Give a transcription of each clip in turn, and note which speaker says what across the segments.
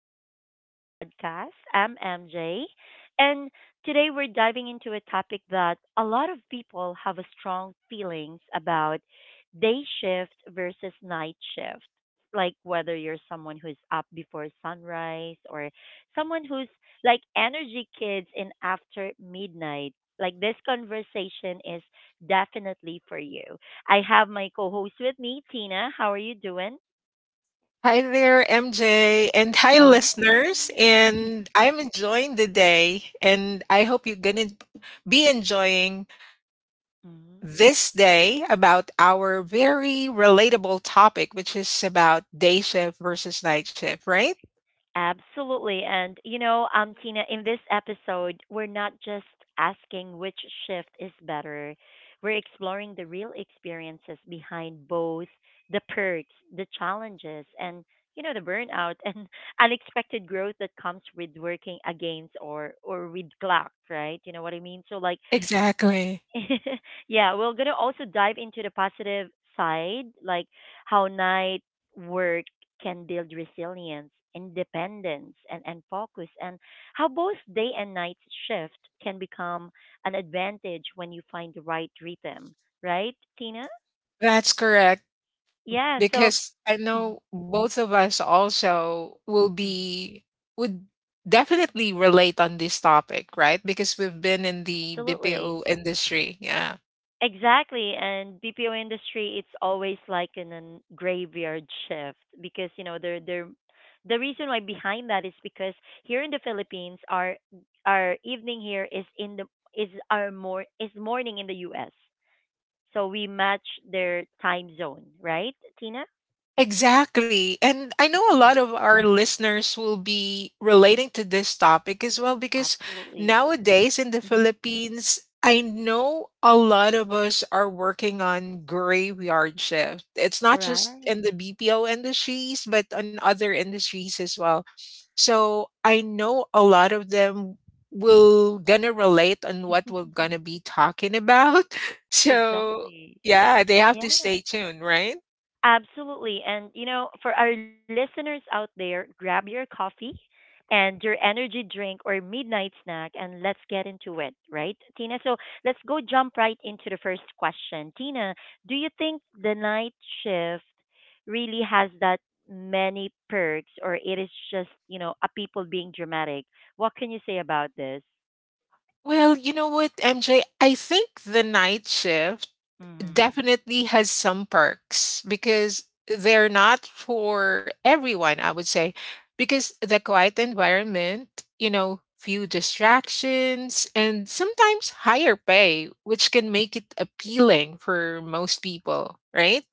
Speaker 1: back to the podcast. I'm MJ, and today we're diving into a topic that a lot of people have a strong feelings about day shift versus night shift. Like whether you're someone who's up before sunrise or someone who's like energy kids in after midnight. Like this conversation is definitely for you. I have my co-host with me, Tina. How are you doing?
Speaker 2: Hi there, MJ, and hi,
Speaker 1: Hello.
Speaker 2: listeners. And I'm enjoying the day, and I hope you're going to be enjoying
Speaker 1: Mhm.
Speaker 2: this day about our very relatable topic, which is about day shift versus night shift, right?
Speaker 1: Absolutely. And, Tina, in this episode, we're not just asking which shift is better, we're exploring the real experiences behind both the perks, the challenges, and, the burnout and unexpected growth that comes with working against or with clock, right? You know what I mean? So, like,
Speaker 2: Exactly.
Speaker 1: yeah, we're gonna also dive into the positive side, like how night work can build resilience, independence, and focus, and how both day and night shift can become an advantage when you find the right rhythm. Right, Tina?
Speaker 2: That's correct.
Speaker 1: Yeah. So,
Speaker 2: Because I
Speaker 1: mhm,
Speaker 2: know both of us also will
Speaker 1: mhm,
Speaker 2: be, would definitely relate on this topic, right? Because we've been in the
Speaker 1: absolutely.
Speaker 2: BPO industry, yeah.
Speaker 1: Exactly, and BPO industry it's always like in a graveyard shift because you know the reason why behind that is because here in the Philippines our evening here is in the is our more is morning in the US. So we match their time zone, right, Tina?
Speaker 2: Exactly. And I know a lot of our listeners will be relating to this topic as well because
Speaker 1: Absolutely.
Speaker 2: nowadays in the
Speaker 1: Hmm.
Speaker 2: Philippines, I know a lot of us are working on graveyard shift. It's not just in
Speaker 1: Right.
Speaker 2: the BPO industries, but on other industries as well. So I know a lot of them will gonna relate on what we're gonna be talking about. So
Speaker 1: Exactly.
Speaker 2: yeah, they have to
Speaker 1: Yeah.
Speaker 2: stay tuned, right?
Speaker 1: Absolutely. And, you know, for our listeners out there, grab your coffee and your energy drink or midnight snack and let's get into it, right, Tina? So let's go jump right into the first question. Tina, do you think the night shift really has that many perks or it is just, you know, a people being dramatic? What can you say about this?
Speaker 2: Well, you know what, MJ? I think the night shift
Speaker 1: Mm.
Speaker 2: definitely has some perks because they're not for everyone, I would say, because the quiet environment, few distractions and sometimes higher pay, which can make it appealing for most people, right?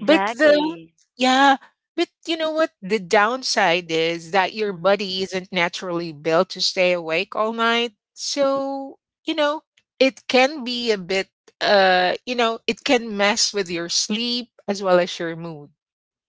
Speaker 2: But the yeah, but you know what? The downside is that your
Speaker 1: Mm-hmm.
Speaker 2: body isn't naturally built to stay awake all night. So, you know, it can be a bit you know, it can mess with your sleep as well as your mood,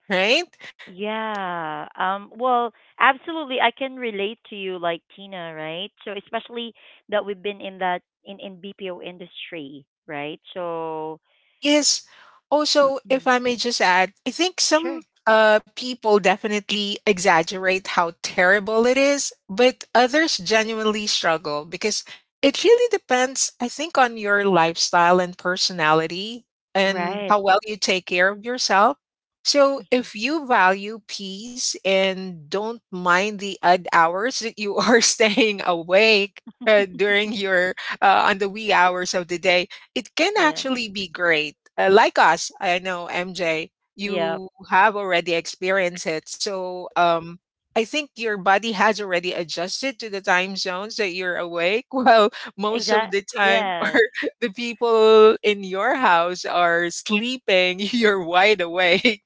Speaker 2: right?
Speaker 1: Yeah. Absolutely. I can relate to you, like Tina, right? So especially that we've been in that in BPO industry, right? So
Speaker 2: Yes. Also, if I
Speaker 1: mm,
Speaker 2: may just add, I think
Speaker 1: sure,
Speaker 2: some people definitely exaggerate how terrible it is, but others genuinely struggle because it really depends, I think, on your lifestyle and personality and
Speaker 1: right?
Speaker 2: how well you take care of yourself. So, if you value peace and don't mind the odd hours that you are staying awake during your on the wee hours of the day, it can
Speaker 1: Yeah.
Speaker 2: actually be great. Like us, I know MJ,
Speaker 1: Yeah.
Speaker 2: you have already experienced it. So I think your body has already adjusted to the time zones that you're awake. Well, most of
Speaker 1: Exact.
Speaker 2: the time, or
Speaker 1: Yes.
Speaker 2: the people in your house are sleeping, you're wide awake,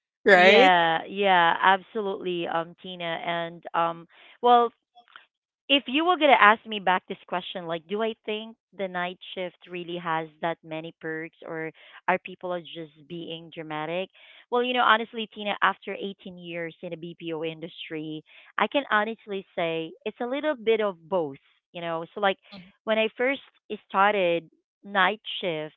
Speaker 2: right?
Speaker 1: Yeah. Yeah. Absolutely. Tina, well, if you were gonna ask me back this question, like, do I think the night shift really has that many perks, or are people are just being dramatic? Well, you know, honestly, Tina, after 18 years in the BPO industry, I can honestly say it's a little bit of both. You know, so like
Speaker 2: Mhm.
Speaker 1: when I first started night shift,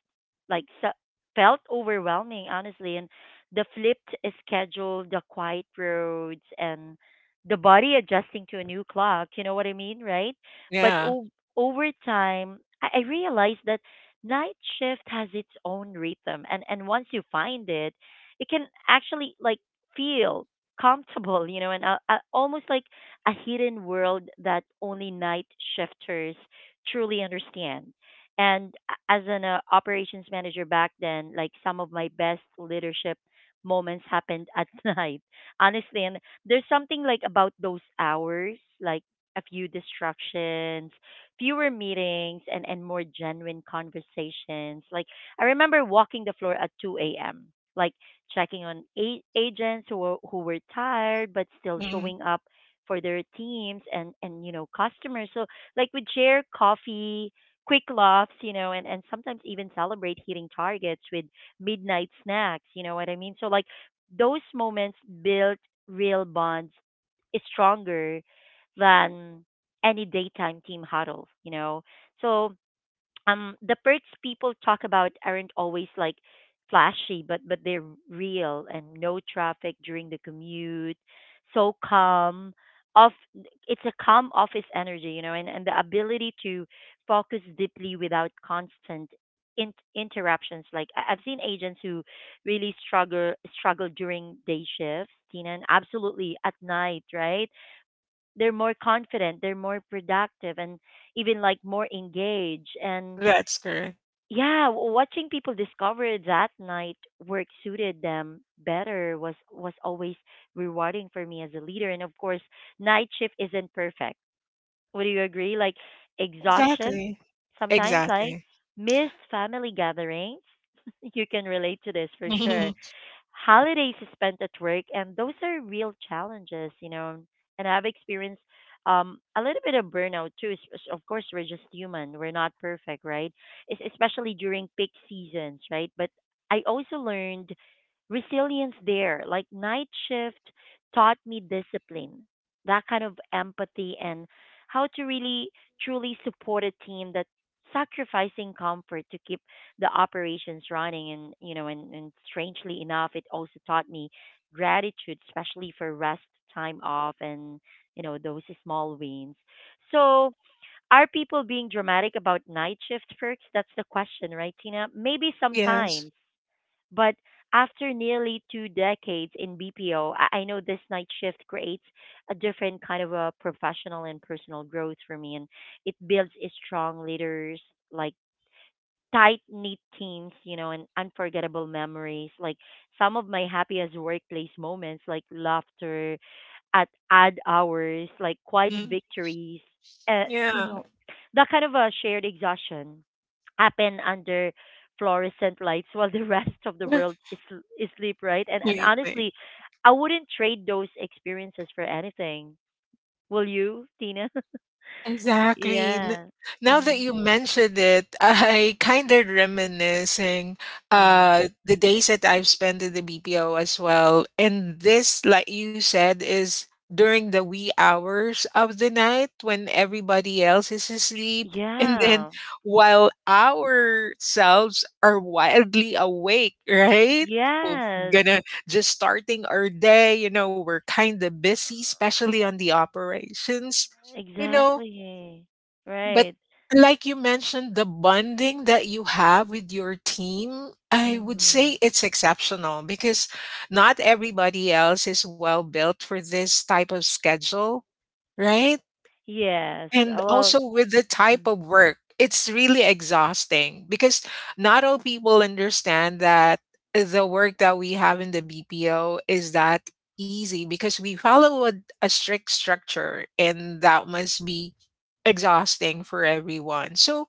Speaker 1: like so, felt overwhelming, honestly, and the flipped schedule, the quiet roads, and the body adjusting to a new clock. You know what I mean, right? But
Speaker 2: Yeah.
Speaker 1: o- Over time, I realized that night shift has its own rhythm, and once you find it, it can actually like feel comfortable, you know, and almost like a hidden world that only night shifters truly understand. And as an operations manager back then, like some of my best leadership moments happened at night honestly and there's something like about those hours, like a few distractions, fewer meetings, and more genuine conversations. Like I remember walking the floor at 2 a.m. Like checking on agents who were tired but still
Speaker 2: Mhm.
Speaker 1: showing up for their teams and you know customers. So like we'd share coffee, quick laughs, you know, and sometimes even celebrate hitting targets with midnight snacks. You know what I mean? So like those moments built real bonds eh, stronger than any daytime team huddle, you know. So the perks people talk about aren't always like flashy but they're real and no traffic during the commute so calm off it's a calm office energy you know and the ability to focus deeply without constant interruptions like I've seen agents who really struggle during day shifts, Tina, and absolutely at night, right? They're more confident, they're more productive, and even like more engaged. And
Speaker 2: That's correct.
Speaker 1: yeah, watching people discover that night work suited them better was always rewarding for me as a leader. And of course, night shift isn't perfect. Would you agree? Like exhaustion,
Speaker 2: Exactly.
Speaker 1: sometimes like
Speaker 2: Exactly.
Speaker 1: missed family gatherings. You can relate to this for sure. Holidays spent at work, and those are real challenges, you know. And I've experienced a little bit of burnout too. Of course, we're just human; we're not perfect, right? Especially during peak seasons, right? But I also learned resilience there. Like night shift taught me discipline, that kind of empathy, and how to really truly support a team that sacrificing comfort to keep the operations running, and you know and strangely enough, it also taught me gratitude, especially for rest, time off, and you know those small wins. So are people being dramatic about night shift perks? That's the question, right, Tina? Maybe
Speaker 2: Yes.
Speaker 1: sometimes, but after nearly two decades in BPO, I know this night shift creates a different kind of a professional and personal growth for me, and it builds a strong leaders, like tight knit teams, you know, and unforgettable memories. Like some of my happiest workplace moments, like laughter at odd hours, like quiet
Speaker 2: Mm.
Speaker 1: victories, uh, you
Speaker 2: Yeah.
Speaker 1: know, that kind of a shared exhaustion happen under fluorescent lights while the rest of the world is sleep, right? And
Speaker 2: Sleeping.
Speaker 1: honestly, I wouldn't trade those experiences for anything. Will you, Tina?
Speaker 2: Exactly.
Speaker 1: Yeah.
Speaker 2: Now that
Speaker 1: Mm.
Speaker 2: you mentioned it, I kind of reminiscing
Speaker 1: Hmm.
Speaker 2: the days that I've spent in the BPO as well. And this, like you said, is during the wee hours of the night when everybody else is asleep. And then
Speaker 1: Yeah.
Speaker 2: while ourselves are wildly awake, right? We're
Speaker 1: Yes.
Speaker 2: gonna just starting our day, you know, we're kind of busy, especially on the operations, you know,
Speaker 1: Exactly.
Speaker 2: but
Speaker 1: Right.
Speaker 2: like you mentioned, the bonding that you have with your team, I would
Speaker 1: Mm-hmm.
Speaker 2: say it's exceptional because not everybody else is well built for this type of schedule, right?
Speaker 1: Yes.
Speaker 2: And
Speaker 1: Well,
Speaker 2: also with the type
Speaker 1: mm,
Speaker 2: of work, it's really exhausting because not all people understand that the work that we have in the BPO is that easy because we follow a strict structure, and that must be exhausting for everyone. So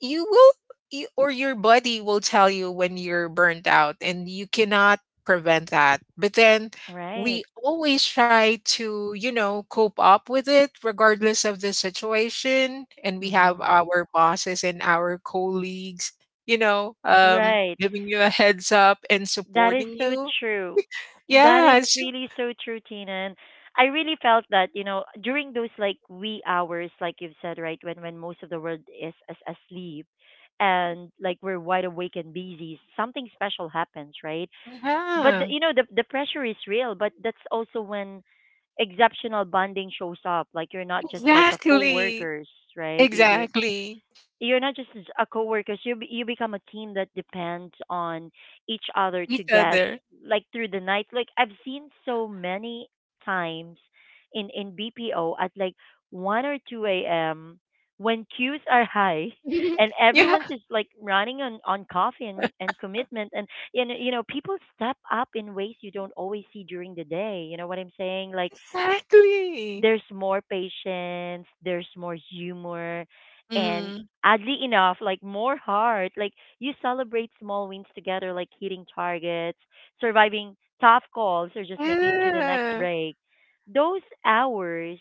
Speaker 2: you will, you, or your body will tell you when you're burnt out, and you cannot prevent that. But then
Speaker 1: right.
Speaker 2: we always try to, you know, cope up with it regardless of the situation. And we have
Speaker 1: Mm-hmm.
Speaker 2: our bosses and our colleagues, you know,
Speaker 1: Right.
Speaker 2: giving you a heads up and
Speaker 1: That is
Speaker 2: supporting
Speaker 1: so
Speaker 2: you.
Speaker 1: true. That is
Speaker 2: Yes.
Speaker 1: really so true, Tina. And I really felt that, you know, during those like wee hours, like you've said, right, when most of the world is asleep and like we're wide awake and busy, something special happens, right? But the,
Speaker 2: Yeah.
Speaker 1: you know, the pressure is real, but that's also when exceptional bonding shows up. Like you're not just like a
Speaker 2: Exactly.
Speaker 1: co-workers, right? You're you're
Speaker 2: Exactly.
Speaker 1: you're not just a co-workers. You become a team that depends on each other to
Speaker 2: Each
Speaker 1: get
Speaker 2: other.
Speaker 1: like through the night. Like I've seen so many times in BPO at like one or two a.m. when queues are high and
Speaker 2: Yeah.
Speaker 1: everyone's just like running on coffee and commitment and you know people step up in ways you don't always see during the day. You know what I'm saying? Like
Speaker 2: Exactly.
Speaker 1: there's more patience, there's more humor, and
Speaker 2: Mhm.
Speaker 1: oddly enough, like more heart. Like you celebrate small wins together, like hitting targets, surviving tough calls, or just making it to the next
Speaker 2: Yeah.
Speaker 1: break. Those hours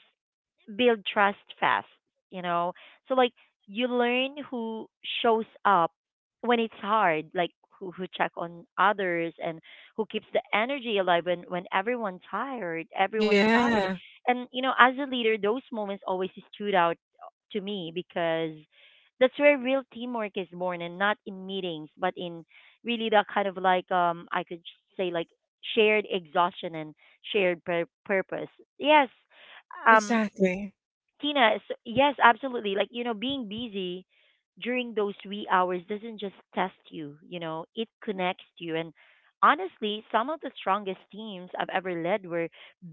Speaker 1: build trust fast, you know? So like you learn who shows up when it's hard, like who check on others and who keeps the energy alive when everyone's tired.
Speaker 2: Yeah.
Speaker 1: And you know, as a leader, those moments always stood out to me because that's where real teamwork is born, and not in meetings, but in really that kind of like I could say like shared exhaustion and purpose. Yes, um,
Speaker 2: Exactly.
Speaker 1: Tina, so, yes, absolutely. Like, you know, being busy during those wee hours doesn't just test you, you know, it connects you. And honestly, some of the strongest teams I've ever led were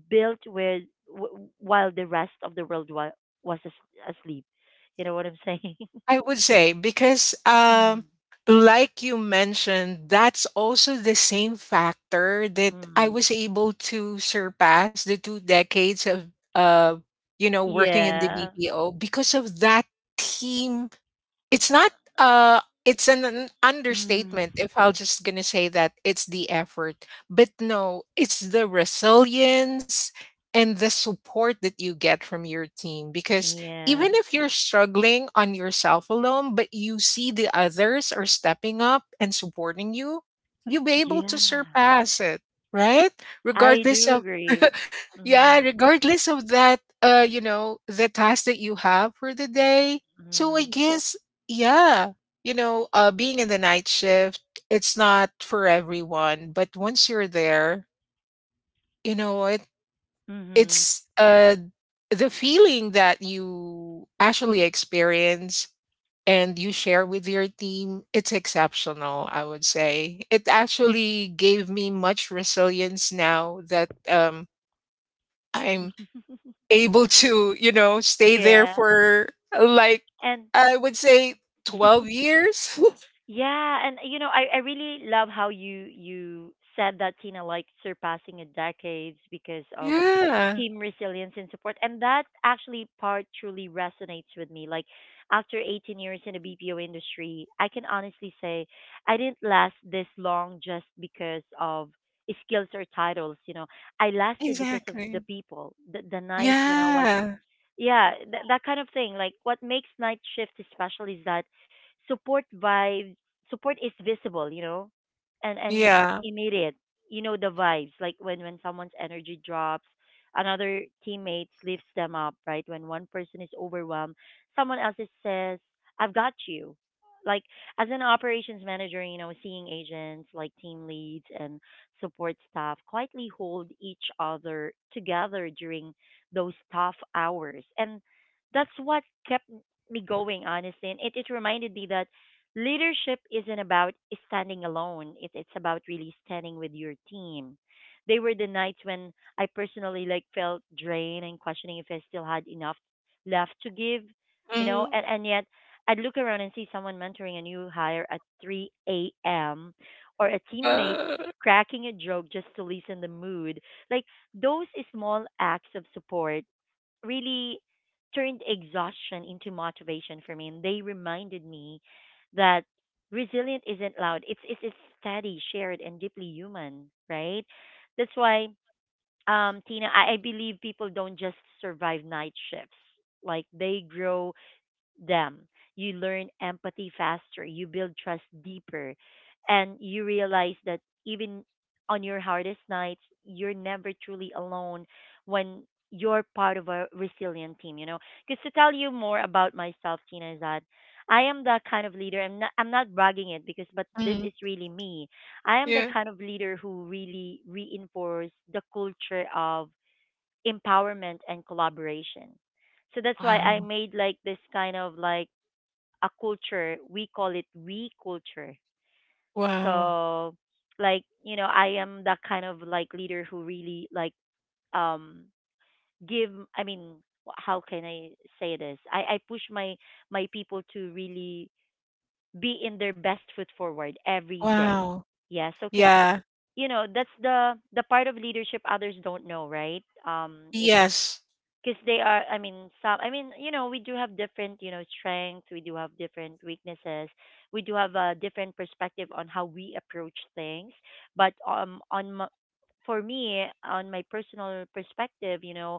Speaker 1: built with while the rest of the world was asleep. You know what I'm saying?
Speaker 2: I would say because
Speaker 1: Mm.
Speaker 2: like you mentioned, that's also the same factor that I
Speaker 1: Mm.
Speaker 2: was able to surpass the two decades of uh you know working in the
Speaker 1: Yeah.
Speaker 2: BPO because of that team. It's not uh it's an, an
Speaker 1: Mm.
Speaker 2: understatement if I'm just gonna say that it's the effort. But no, it's the resilience and the support that you get from your team. Because
Speaker 1: Yeah.
Speaker 2: even if you're struggling on yourself alone, but you see the others are stepping up and supporting you, you'll be able to
Speaker 1: Yeah.
Speaker 2: surpass it, right?
Speaker 1: I
Speaker 2: Regardless
Speaker 1: do
Speaker 2: of
Speaker 1: agree.
Speaker 2: yeah,
Speaker 1: Mm.
Speaker 2: regardless of that, you know, the task that you have for the day. So
Speaker 1: Mm.
Speaker 2: I guess yeah. You know, being in the night shift, it's not for everyone, but once you're there, you know, it
Speaker 1: Mm-hmm.
Speaker 2: it's uh the feeling that you actually experience and you share with your team, it's exceptional, I would say. It actually gave me much resilience now that I'm able to, you know, stay there
Speaker 1: Yeah.
Speaker 2: for like
Speaker 1: And
Speaker 2: I would say 12 years.
Speaker 1: yeah, and you know, I really love how you said that, Tina, like surpassing a decades because of
Speaker 2: Yeah.
Speaker 1: team resilience and support. And that actually part truly resonates with me. Like after 18 years in the BPO industry, I can honestly say I didn't last this long just because of skills or titles, you know. I lasted because of the
Speaker 2: Exactly.
Speaker 1: people, the nights when I was
Speaker 2: Yeah.
Speaker 1: yeah, that kind of thing. Like what makes night shift especially is that support vibe support is visible, you know, and
Speaker 2: Yeah.
Speaker 1: immediate. You know the vibes, like when someone's energy drops, another teammate lifts them up, right? When one person is overwhelmed, someone else is says, "I've got you." Like as an operations manager, you know, seeing agents like team leads and support staff quietly hold each other together during those tough hours. And that's what kept me going, honestly. And it reminded me that leadership isn't about standing alone, it's about really standing with your team. They were the nights when I personally like felt drained and questioning if I still had enough left to give, you know,
Speaker 2: Mhm.
Speaker 1: and yet I'd look around and see someone mentoring a new hire at 3 a.m. or a teammate
Speaker 2: Uh,
Speaker 1: cracking a joke just to lessen the mood. Like those small acts of support really turned exhaustion into motivation for me. And they reminded me that resilient isn't loud, it's steady, shared, and deeply human, right? That's why, Tina, I believe people don't just survive night shifts, like they grow them. You learn empathy faster, you build trust deeper, and you realize that even on your hardest nights, you're never truly alone when you're part of a resilient team. Because to tell you more about myself, Tina, is that I am the kind of leader. I'm not bragging it because, but this
Speaker 2: mhm.
Speaker 1: is really me. I am the
Speaker 2: Yeah.
Speaker 1: kind of leader who really reinforce the culture of empowerment and collaboration. So that's why I
Speaker 2: Wow.
Speaker 1: made like this kind of like a culture. We call it we culture.
Speaker 2: Wow.
Speaker 1: So I am that kind of like leader who really like um give I mean, how can I say this? I push my people to really be in their best foot forward every day.
Speaker 2: Wow.
Speaker 1: Yeah, so cuz
Speaker 2: Yeah.
Speaker 1: you know, that's the part of leadership others don't know, right? It's
Speaker 2: Yes.
Speaker 1: because they are I mean some I mean you know, we do have different you know strengths, we do have different weaknesses, we do have a different perspective on how we approach things. But On my, for me, on my personal perspective, you know,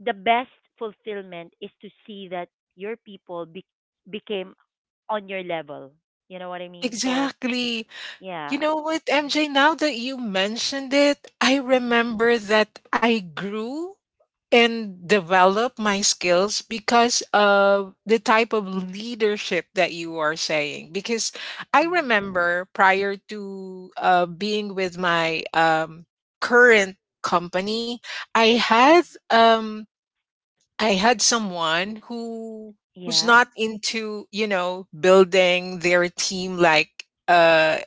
Speaker 1: the best fulfillment is to see that your people became on your level, you know what I mean? So
Speaker 2: Exactly. You
Speaker 1: yeah,
Speaker 2: know what, MJ, now that you mentioned it, I remember that I grew and developed my skills because of the type of leadership that you are saying. Because I remember prior to being with my current company, I had um, I had someone who who's
Speaker 1: yeah.
Speaker 2: not into you know building their team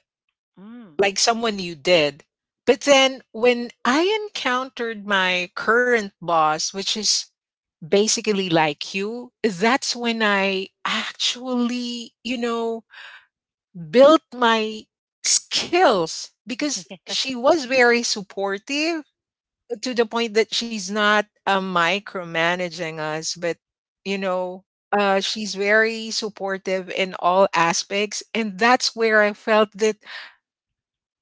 Speaker 1: Mm.
Speaker 2: like someone you did. But then when I encountered my current boss, which is basically like you, that's when I actually, you know, built my skills because she
Speaker 1: Yeah.
Speaker 2: was very supportive to the point that she's not micromanaging us, but, you know, she's very supportive in all aspects. And that's where I felt that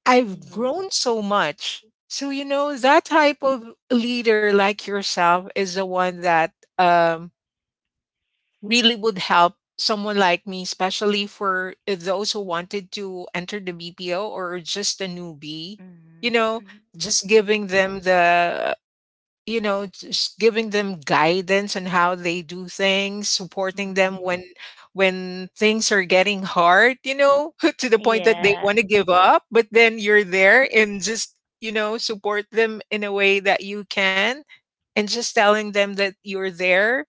Speaker 2: I've
Speaker 1: Mhm.
Speaker 2: grown so much. So, you know, that type of leader like yourself is the one that um, really would help someone like me, especially for those who wanted to enter the BPO or just a newbie, you
Speaker 1: Mhm.
Speaker 2: know, just
Speaker 1: Mhm.
Speaker 2: giving them the you know, just giving them guidance on how they do things, supporting
Speaker 1: Mhm.
Speaker 2: them
Speaker 1: Mhm.
Speaker 2: when things are getting hard, you know, to the point that they
Speaker 1: Yeah,
Speaker 2: want to give up, but then you're there and just, you know, support them in a way that you can and just telling them that you're there.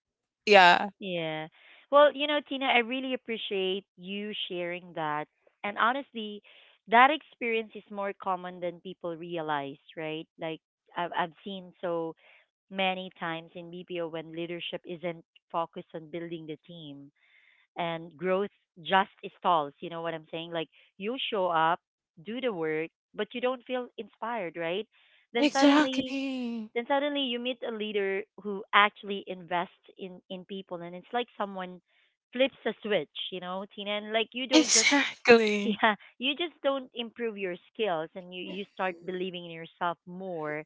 Speaker 2: Yeah.
Speaker 1: yeah. Well, you know, Tina, I really appreciate you sharing that. And honestly, that experience is more common than people realize, right? Like I've seen so many times in BPO when leadership isn't focused on building the team and growth just stalls. You know what I'm saying? Like you show up, do the work, but you don't feel inspired, right? Then suddenly
Speaker 2: Exactly.
Speaker 1: Then suddenly you meet a leader who actually invests in people, and it's like someone flips a switch, you know, Tina. And like you don't just
Speaker 2: Exactly.
Speaker 1: yeah, you just don't improve your skills, and you start believing in yourself more.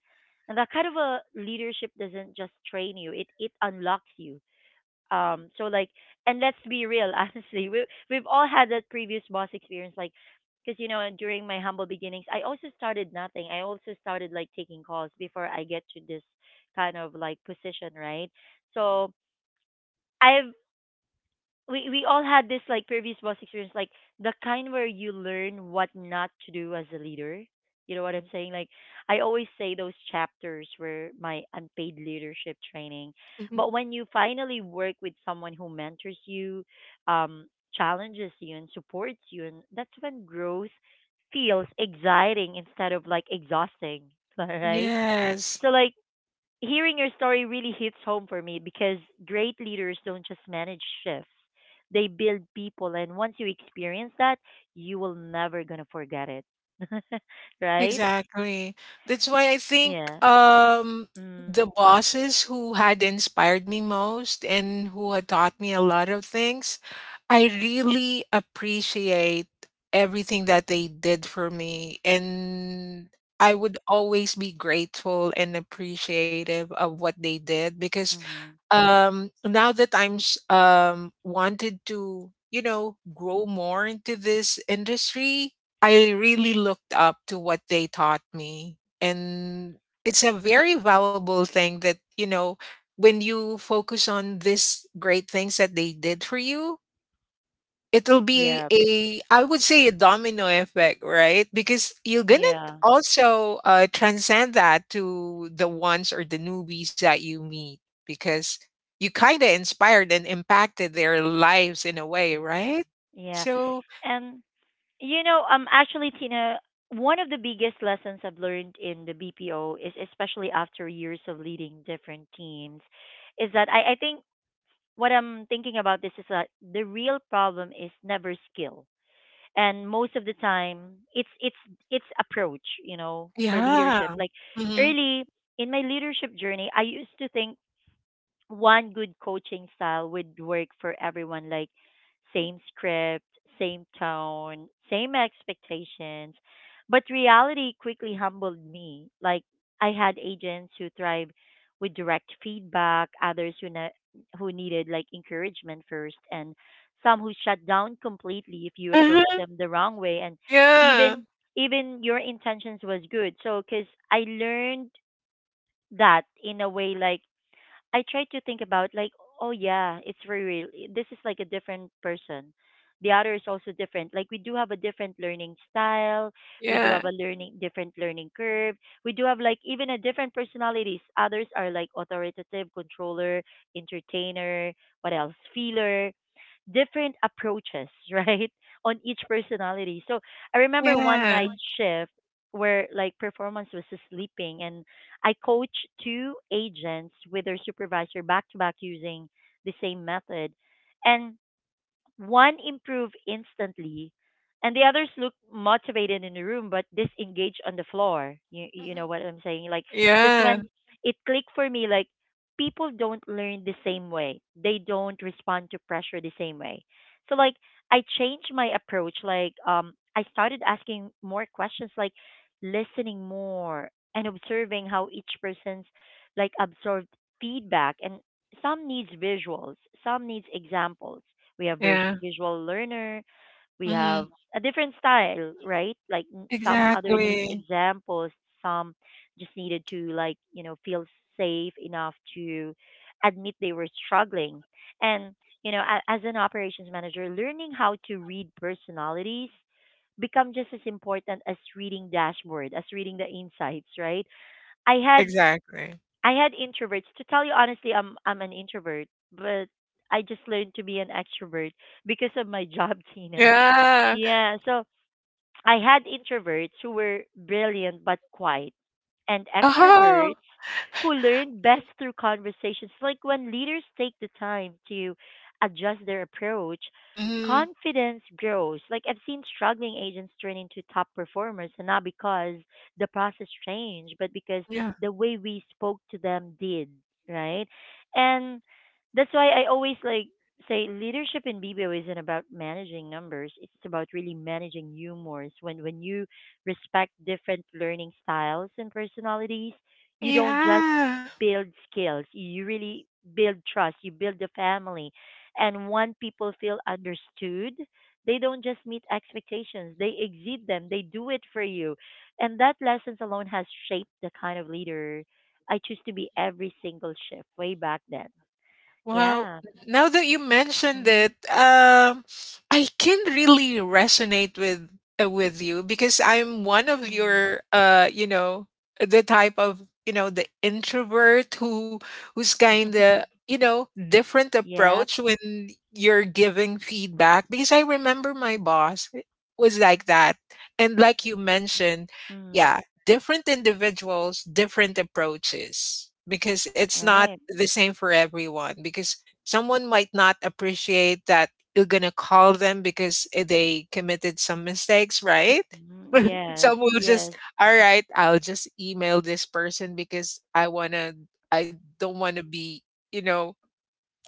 Speaker 1: And that kind of a leadership doesn't just train you; it unlocks you um, so like, and let's be real, honestly, we've all had that previous boss experience, like, because you know, during my humble beginnings, I also started nothing. I also started like taking calls before I get to this kind of like position, right? So I've we all had this like previous boss experience, like the kind where you learn what not to do as a leader. You know what I'm saying? Like I always say those chapters were my unpaid leadership training.
Speaker 2: Mhm.
Speaker 1: But when you finally work with someone who mentors you, um, challenges you and supports you, and that's when growth feels exciting instead of like exhausting. All right.
Speaker 2: Yes.
Speaker 1: So like hearing your story really hits home for me because great leaders don't just manage shifts. They build people, and once you experience that, you will never gonna forget it. Right?
Speaker 2: Exactly. That's why I think
Speaker 1: Yeah.
Speaker 2: the
Speaker 1: Mm.
Speaker 2: bosses who had inspired me most and who had taught me a lot of things, I really appreciate everything that they did for me, and I would always be grateful and appreciative of what they did because
Speaker 1: Mm-hmm.
Speaker 2: now that I'm s- wanted to, you know, grow more into this industry, I really looked up to what they taught me. And it's a very valuable thing that, you know, when you focus on these great things that they did for you, it'll be
Speaker 1: Yeah.
Speaker 2: a I would say a domino effect, right? Because you're gonna
Speaker 1: Yeah.
Speaker 2: also transcend that to the ones or the newbies that you meet because you kind of inspired and impacted their lives in a way,
Speaker 1: Mm.
Speaker 2: right?
Speaker 1: Yeah.
Speaker 2: So
Speaker 1: And you know, actually Tina, one of the biggest lessons I've learned in the BPO is especially after years of leading different teams is that I think what I'm thinking about this is that the real problem is never skill. And most of the time it's approach, you know, for
Speaker 2: yeah.
Speaker 1: leadership. Like
Speaker 2: Hmm.
Speaker 1: early in my leadership journey, I used to think one good coaching style would work for everyone, like same script, same tone, same expectations. But reality quickly humbled me. Like I had agents who thrived with direct feedback, others who needed like encouragement first, and some who shut down completely if you approach
Speaker 2: Uh-huh.
Speaker 1: them the wrong way. And
Speaker 2: Yeah.
Speaker 1: even Even your intentions was good, so cuz I learned that in a way like I try to think about like, oh yeah, it's very real. This is like a different person. The other is also different. Like we do have a different learning style. We do
Speaker 2: Yeah.
Speaker 1: have a learning different learning curve. We do have like even a different personalities. Others are like authoritative, controller, entertainer, what else? Feeler. Different approaches, right? On each personality. So I remember one
Speaker 2: Yeah.
Speaker 1: night shift where like performance was just sleeping, and I coach two agents with their supervisor back to back using the same method. And one improve instantly, and the others look motivated in the room but disengaged on the floor. You know
Speaker 2: Mhm.
Speaker 1: what I'm saying? Like that's
Speaker 2: Yeah.
Speaker 1: when it clicked for me. Like people don't learn the same way. They don't respond to pressure the same way. So like I changed my approach. Like I started asking more questions. Like listening more and observing how each person's like absorbed feedback, and some needs visuals, some needs examples. We have
Speaker 2: Yeah.
Speaker 1: visual learner, we have
Speaker 2: Hmm.
Speaker 1: a different style, right? Like some other needs
Speaker 2: Exactly.
Speaker 1: examples, some just needed to like, you know, feel safe enough to admit they were struggling. And, you know, as an operations manager, learning how to read personalities become just as important as reading dashboard, as reading the insights, right? I had
Speaker 2: Exactly.
Speaker 1: I had introverts. To tell you honestly, I'm an introvert, but I just learned to be an extrovert because of my job, Tina.
Speaker 2: Yeah.
Speaker 1: Yeah, so I had introverts who were brilliant but quiet, and
Speaker 2: Uh-huh.
Speaker 1: extroverts who learn best through conversations. Like when leaders take the time to adjust their approach,
Speaker 2: Hmm.
Speaker 1: confidence grows. Like I've seen struggling agents turn into top performers, and not because the process changed, but because the way we spoke to them did, right? And that's why I always like say leadership in BBO isn't about managing numbers. It's about really managing humors. When you respect different learning styles and personalities, you don't just
Speaker 2: Yeah.
Speaker 1: build skills, you really build trust, you build a family. And when people feel understood, they don't just meet expectations, they exceed them, they do it for you. And that lessons alone has shaped the kind of leader I choose to be every single shift way back then.
Speaker 2: Well,
Speaker 1: Yeah.
Speaker 2: now that you mentioned
Speaker 1: Mm-hmm.
Speaker 2: it, I can really resonate with you because I'm one of
Speaker 1: Mm-hmm.
Speaker 2: your, you know, the type of you know the introvert who who's kind of you know different
Speaker 1: Yep.
Speaker 2: approach when you're giving feedback because I remember my boss was like that, and like you mentioned,
Speaker 1: Mm.
Speaker 2: yeah, different individuals, different approaches because it's not
Speaker 1: Right.
Speaker 2: the same for everyone. Because someone might not appreciate that you're going to call them because they committed some mistakes, right?
Speaker 1: Mhm. Yes.
Speaker 2: Some will
Speaker 1: Yes.
Speaker 2: just, all right, I'll just email this person because I want to, I don't want to be, you know,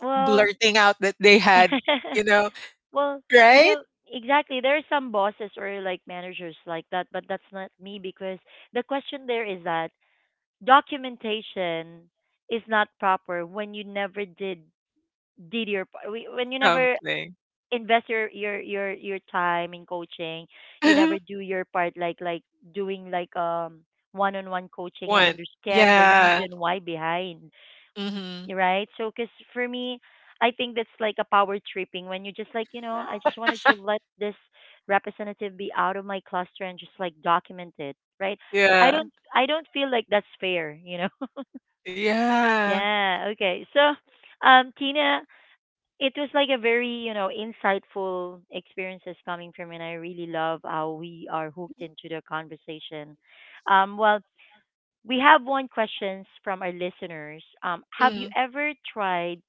Speaker 1: Well,
Speaker 2: blurting out that they had, you know,
Speaker 1: well, you
Speaker 2: right?
Speaker 1: know, exactly. There are some bosses or like managers like that, but that's not me because the question there is that documentation is not proper when you never did your when you never
Speaker 2: Something.
Speaker 1: invest your your time in coaching, you never do your part like doing like one-on-one coaching and
Speaker 2: One.
Speaker 1: understand the
Speaker 2: Yeah.
Speaker 1: reason why behind,
Speaker 2: Hmm.
Speaker 1: right? So, cause for me, I think that's like a power tripping when you're just like, you know, I just wanted to let this representative be out of my cluster and just like document it, right?
Speaker 2: Yeah.
Speaker 1: I don't feel like that's fair, you know.
Speaker 2: Yeah.
Speaker 1: Yeah, okay. So, Tina, it was like a very, you know, insightful experiences coming from, and I really love how we are hooked into the conversation. Well, we have one questions from our listeners. Have
Speaker 2: Mm.
Speaker 1: you ever tried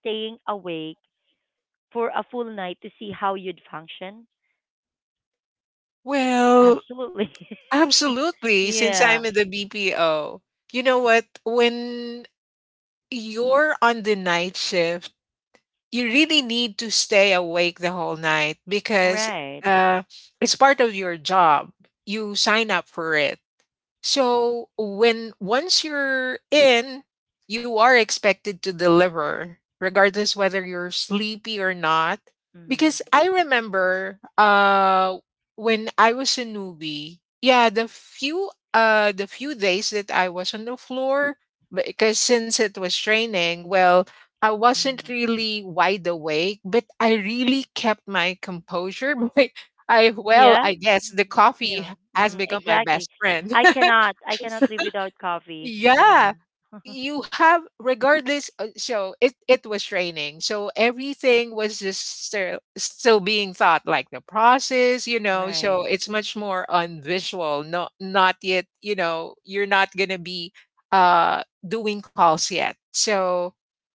Speaker 1: staying awake for a full night to see how you'd function?
Speaker 2: Well,
Speaker 1: Absolutely.
Speaker 2: absolutely, since
Speaker 1: Yeah.
Speaker 2: I'm in the BPO. You know what? When you're on the night shift, you really need to stay awake the whole night because
Speaker 1: Right.
Speaker 2: uh, it's part of your job. You sign up for it. So when once you're in, you are expected to deliver, regardless whether you're sleepy or not.
Speaker 1: Mm.
Speaker 2: Because I remember when I was a newbie, yeah, the few days that I was on the floor, because since it was training, well, I wasn't
Speaker 1: Mm.
Speaker 2: really wide awake, but I really kept my composure. But I, well,
Speaker 1: Yeah.
Speaker 2: I guess the coffee
Speaker 1: Yeah.
Speaker 2: has
Speaker 1: Mm,
Speaker 2: become my
Speaker 1: exactly.
Speaker 2: best friend.
Speaker 1: I cannot. I cannot live without coffee, Tina.
Speaker 2: Yeah, you have regardless. So it was raining, so everything was just still being thought, like the process, you know.
Speaker 1: Right.
Speaker 2: So it's much more on visual, not yet. You know, you're not gonna be doing calls yet. So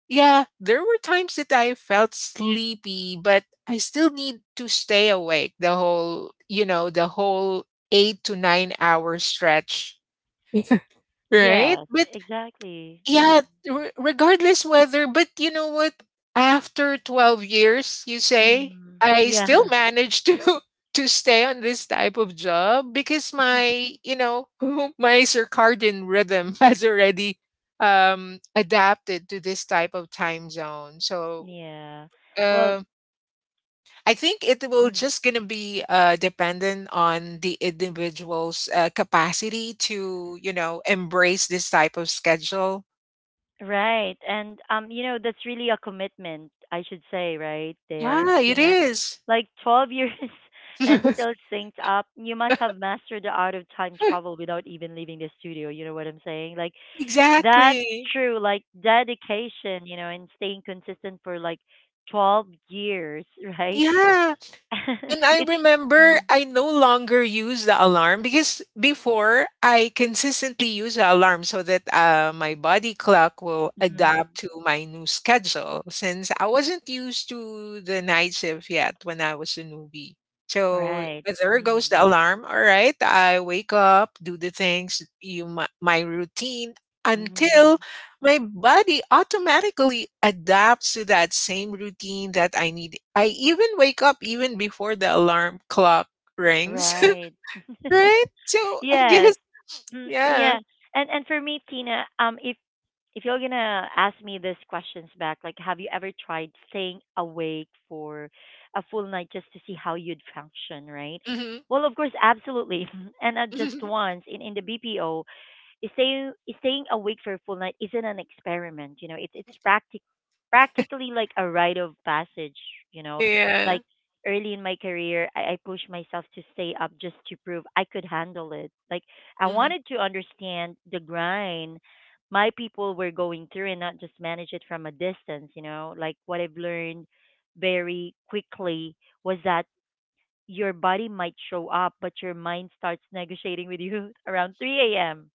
Speaker 2: yeah, there were times that I felt sleepy, but I still need to stay awake the whole, you know, the whole eight to nine hour stretch. Right?
Speaker 1: Yes.
Speaker 2: But
Speaker 1: Exactly. Mm.
Speaker 2: yeah, regardless whether, but you know what? After 12 years, you say,
Speaker 1: Mm.
Speaker 2: I still
Speaker 1: Yeah.
Speaker 2: managed to to stay on this type of job because my, you know, my circadian rhythm has already adapted to this type of time zone. So,
Speaker 1: Yeah. Well.
Speaker 2: um I think it will
Speaker 1: Mm.
Speaker 2: just gonna be dependent on the individual's capacity to, you know, embrace this type of schedule.
Speaker 1: Right. And you know, that's really a commitment, I should say, right there,
Speaker 2: Yeah, it
Speaker 1: Tina.
Speaker 2: is.
Speaker 1: Like 12 years and still synced up. You must have mastered the art of time travel without even leaving the studio, you know what I'm saying? Like that's
Speaker 2: Exactly.
Speaker 1: true, like dedication, you know, and staying consistent for like 12 years, right?
Speaker 2: Yeah. And I
Speaker 1: It's
Speaker 2: remember
Speaker 1: mm,
Speaker 2: I no longer use the alarm because before I consistently use the alarm so that my body clock will
Speaker 1: mm,
Speaker 2: adapt to my new schedule since I wasn't used to the night shift yet when I was a newbie. So
Speaker 1: right.
Speaker 2: there goes
Speaker 1: Mm,
Speaker 2: the alarm. All right. I wake up, do the things, my routine
Speaker 1: hmm,
Speaker 2: until my body automatically adapts to that same routine that I need. I even wake up even before the alarm clock rings,
Speaker 1: right.
Speaker 2: right? So I
Speaker 1: Yes.
Speaker 2: guess,
Speaker 1: Mm,
Speaker 2: yeah.
Speaker 1: yeah. And for me, Tina, if you're gonna ask me these questions back, like, have you ever tried staying awake for a full night just to see how you'd function, right?
Speaker 2: Hmm.
Speaker 1: Well, of course, absolutely, and not just once. In the BPO, stay, staying awake for a full night isn't an experiment, you know. It's practically like a rite of passage, you know.
Speaker 2: Yeah.
Speaker 1: Like early in my career, I pushed myself to stay up just to prove I could handle it. Like I
Speaker 2: Hmm.
Speaker 1: wanted to understand the grind my people were going through and not just manage it from a distance, you know. Like what I've learned very quickly was that your body might show up, but your mind starts negotiating with you around 3 a.m.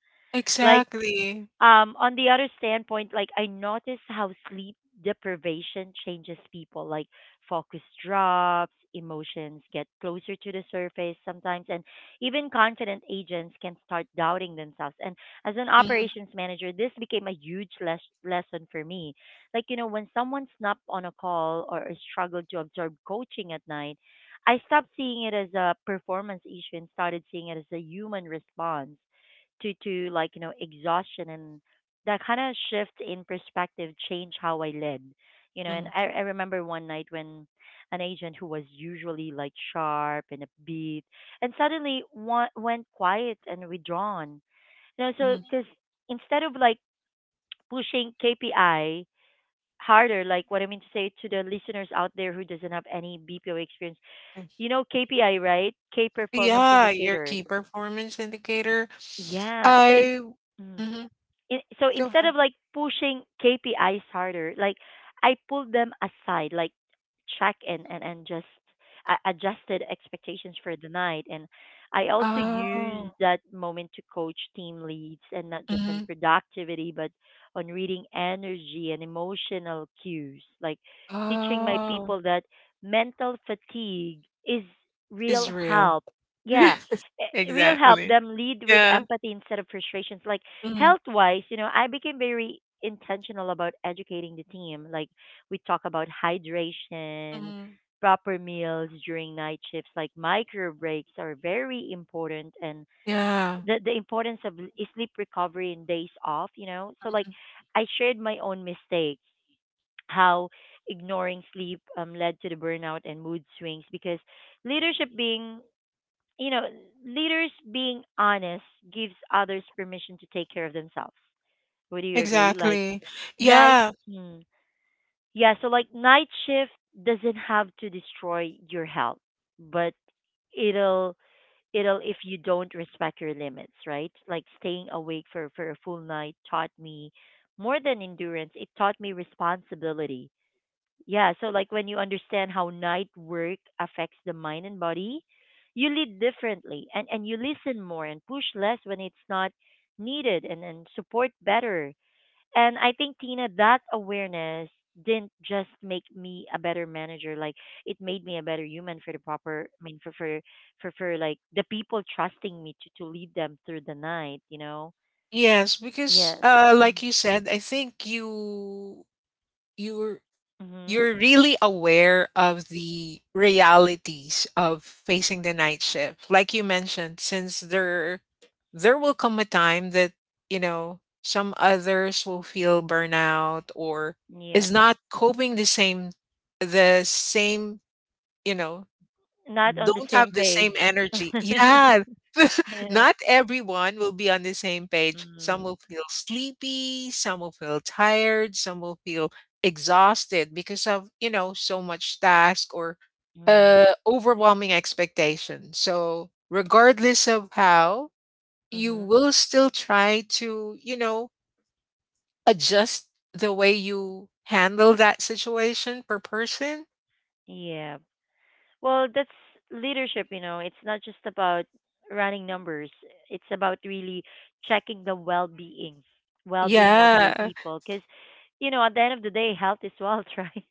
Speaker 1: Like,
Speaker 2: Exactly.
Speaker 1: on the other standpoint, like I notice how sleep deprivation changes people. Like focus drops, emotions get closer to the surface sometimes, and even confident agents can start doubting themselves. And as an
Speaker 2: Mhm,
Speaker 1: operations manager, this became a huge lesson for me. Like, you know, when someone snapped on a call or struggled to absorb coaching at night, I stopped seeing it as a performance issue and started seeing it as a human response to exhaustion, and that kind of shift in perspective changed how I led. You know, and
Speaker 2: mhm,
Speaker 1: I remember one night when an agent who was usually like sharp and upbeat and suddenly went quiet and withdrawn. You know, so
Speaker 2: mhm.
Speaker 1: because instead of like pushing KPI harder. Like, what I mean to say to the listeners out there who doesn't have any BPO experience, you know KPI, right? K performance
Speaker 2: Yeah, your
Speaker 1: indicator.
Speaker 2: key performance indicator.
Speaker 1: Yeah.
Speaker 2: I.
Speaker 1: Mm.
Speaker 2: Mhm.
Speaker 1: So
Speaker 2: Go
Speaker 1: instead
Speaker 2: ahead.
Speaker 1: of like pushing KPIs harder, like I pulled them aside, like check and just adjusted expectations for the night. And I also
Speaker 2: Oh.
Speaker 1: used that moment to coach team leads, and not just on
Speaker 2: Mhm.
Speaker 1: productivity, but on reading energy and emotional cues, like teaching my
Speaker 2: Oh.
Speaker 1: people that mental fatigue is real
Speaker 2: Israel.
Speaker 1: help. Yeah, real help
Speaker 2: Exactly.
Speaker 1: them lead with
Speaker 2: Yeah.
Speaker 1: empathy instead of frustrations. Like, health wise, you know, I became very intentional about educating the team. Like, we talk about hydration,
Speaker 2: Mhm.
Speaker 1: proper meals during night shifts, like micro breaks are very important, and
Speaker 2: Yeah,
Speaker 1: the importance of sleep recovery and days off, you know. So like I shared my own mistakes, how ignoring sleep led to the burnout and mood swings, because leadership being, you know, leaders being honest gives others permission to take care of themselves. Would you agree? Like
Speaker 2: exactly.
Speaker 1: night,
Speaker 2: Yeah,
Speaker 1: mm, yeah. So like night shift doesn't have to destroy your health, but it'll it'll if you don't respect your limits, right? Like staying awake for a full night taught me more than endurance. It taught me responsibility. Yeah. So like when you understand how night work affects the mind and body, you lead differently, and you listen more and push less when it's not needed, and support better. And I think, Tina, that awareness didn't just make me a better manager, like it made me a better human for the proper, I mean, for for like the people trusting me to lead them through the night, you know?
Speaker 2: yes, because
Speaker 1: Yes.
Speaker 2: like
Speaker 1: Mm.
Speaker 2: you said, I think you're
Speaker 1: Mhm.
Speaker 2: you're really aware of the realities of facing the night shift. Like you mentioned, since there will come a time that, some others will feel burnout or
Speaker 1: Yeah.
Speaker 2: is not coping the same, you know,
Speaker 1: Not on the
Speaker 2: don't have
Speaker 1: same
Speaker 2: the same
Speaker 1: page.
Speaker 2: energy. Yeah.
Speaker 1: Yeah.
Speaker 2: Not everyone will be on the same page. Some will
Speaker 1: Mhm.
Speaker 2: feel sleepy, some will feel tired, some will feel exhausted because of, you know, so much task or
Speaker 1: Mhm.
Speaker 2: overwhelming expectation. So, regardless of how, you
Speaker 1: Mhm.
Speaker 2: will still try to, you know, adjust the way you handle that situation per person.
Speaker 1: Yeah. Well, that's leadership, you know. It's not just about running numbers. It's about really checking the well-being of your
Speaker 2: Yeah.
Speaker 1: people, because, you know, at the end of the day, health is wealth, right?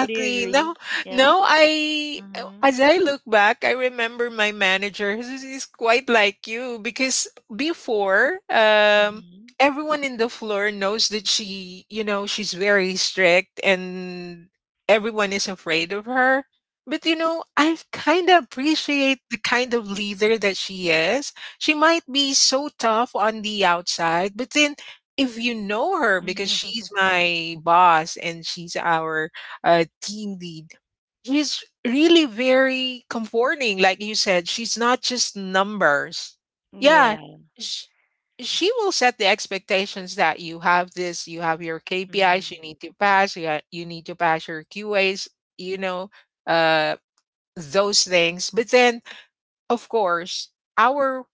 Speaker 1: Would you
Speaker 2: Now,
Speaker 1: agree? Yep.
Speaker 2: now I,
Speaker 1: Mhm.
Speaker 2: as I look back, I remember my manager who's- is quite like you because before,
Speaker 1: Mhm.
Speaker 2: everyone in the floor knows that she, you know, she's very strict and everyone is afraid of her. But you know, I kind of appreciate the kind of leader that she is. She might be so tough on the outside, but then if you know her because
Speaker 1: Mhm.
Speaker 2: she's my boss and she's our team lead. She's really very comforting, like you said. She's not just numbers. Yeah,
Speaker 1: Yeah.
Speaker 2: she, she will set the expectations that you have this, you have your KPIs, you
Speaker 1: Mhm.
Speaker 2: need to pass, you need to pass your QAs, you know, uh, those things. But then, of course, our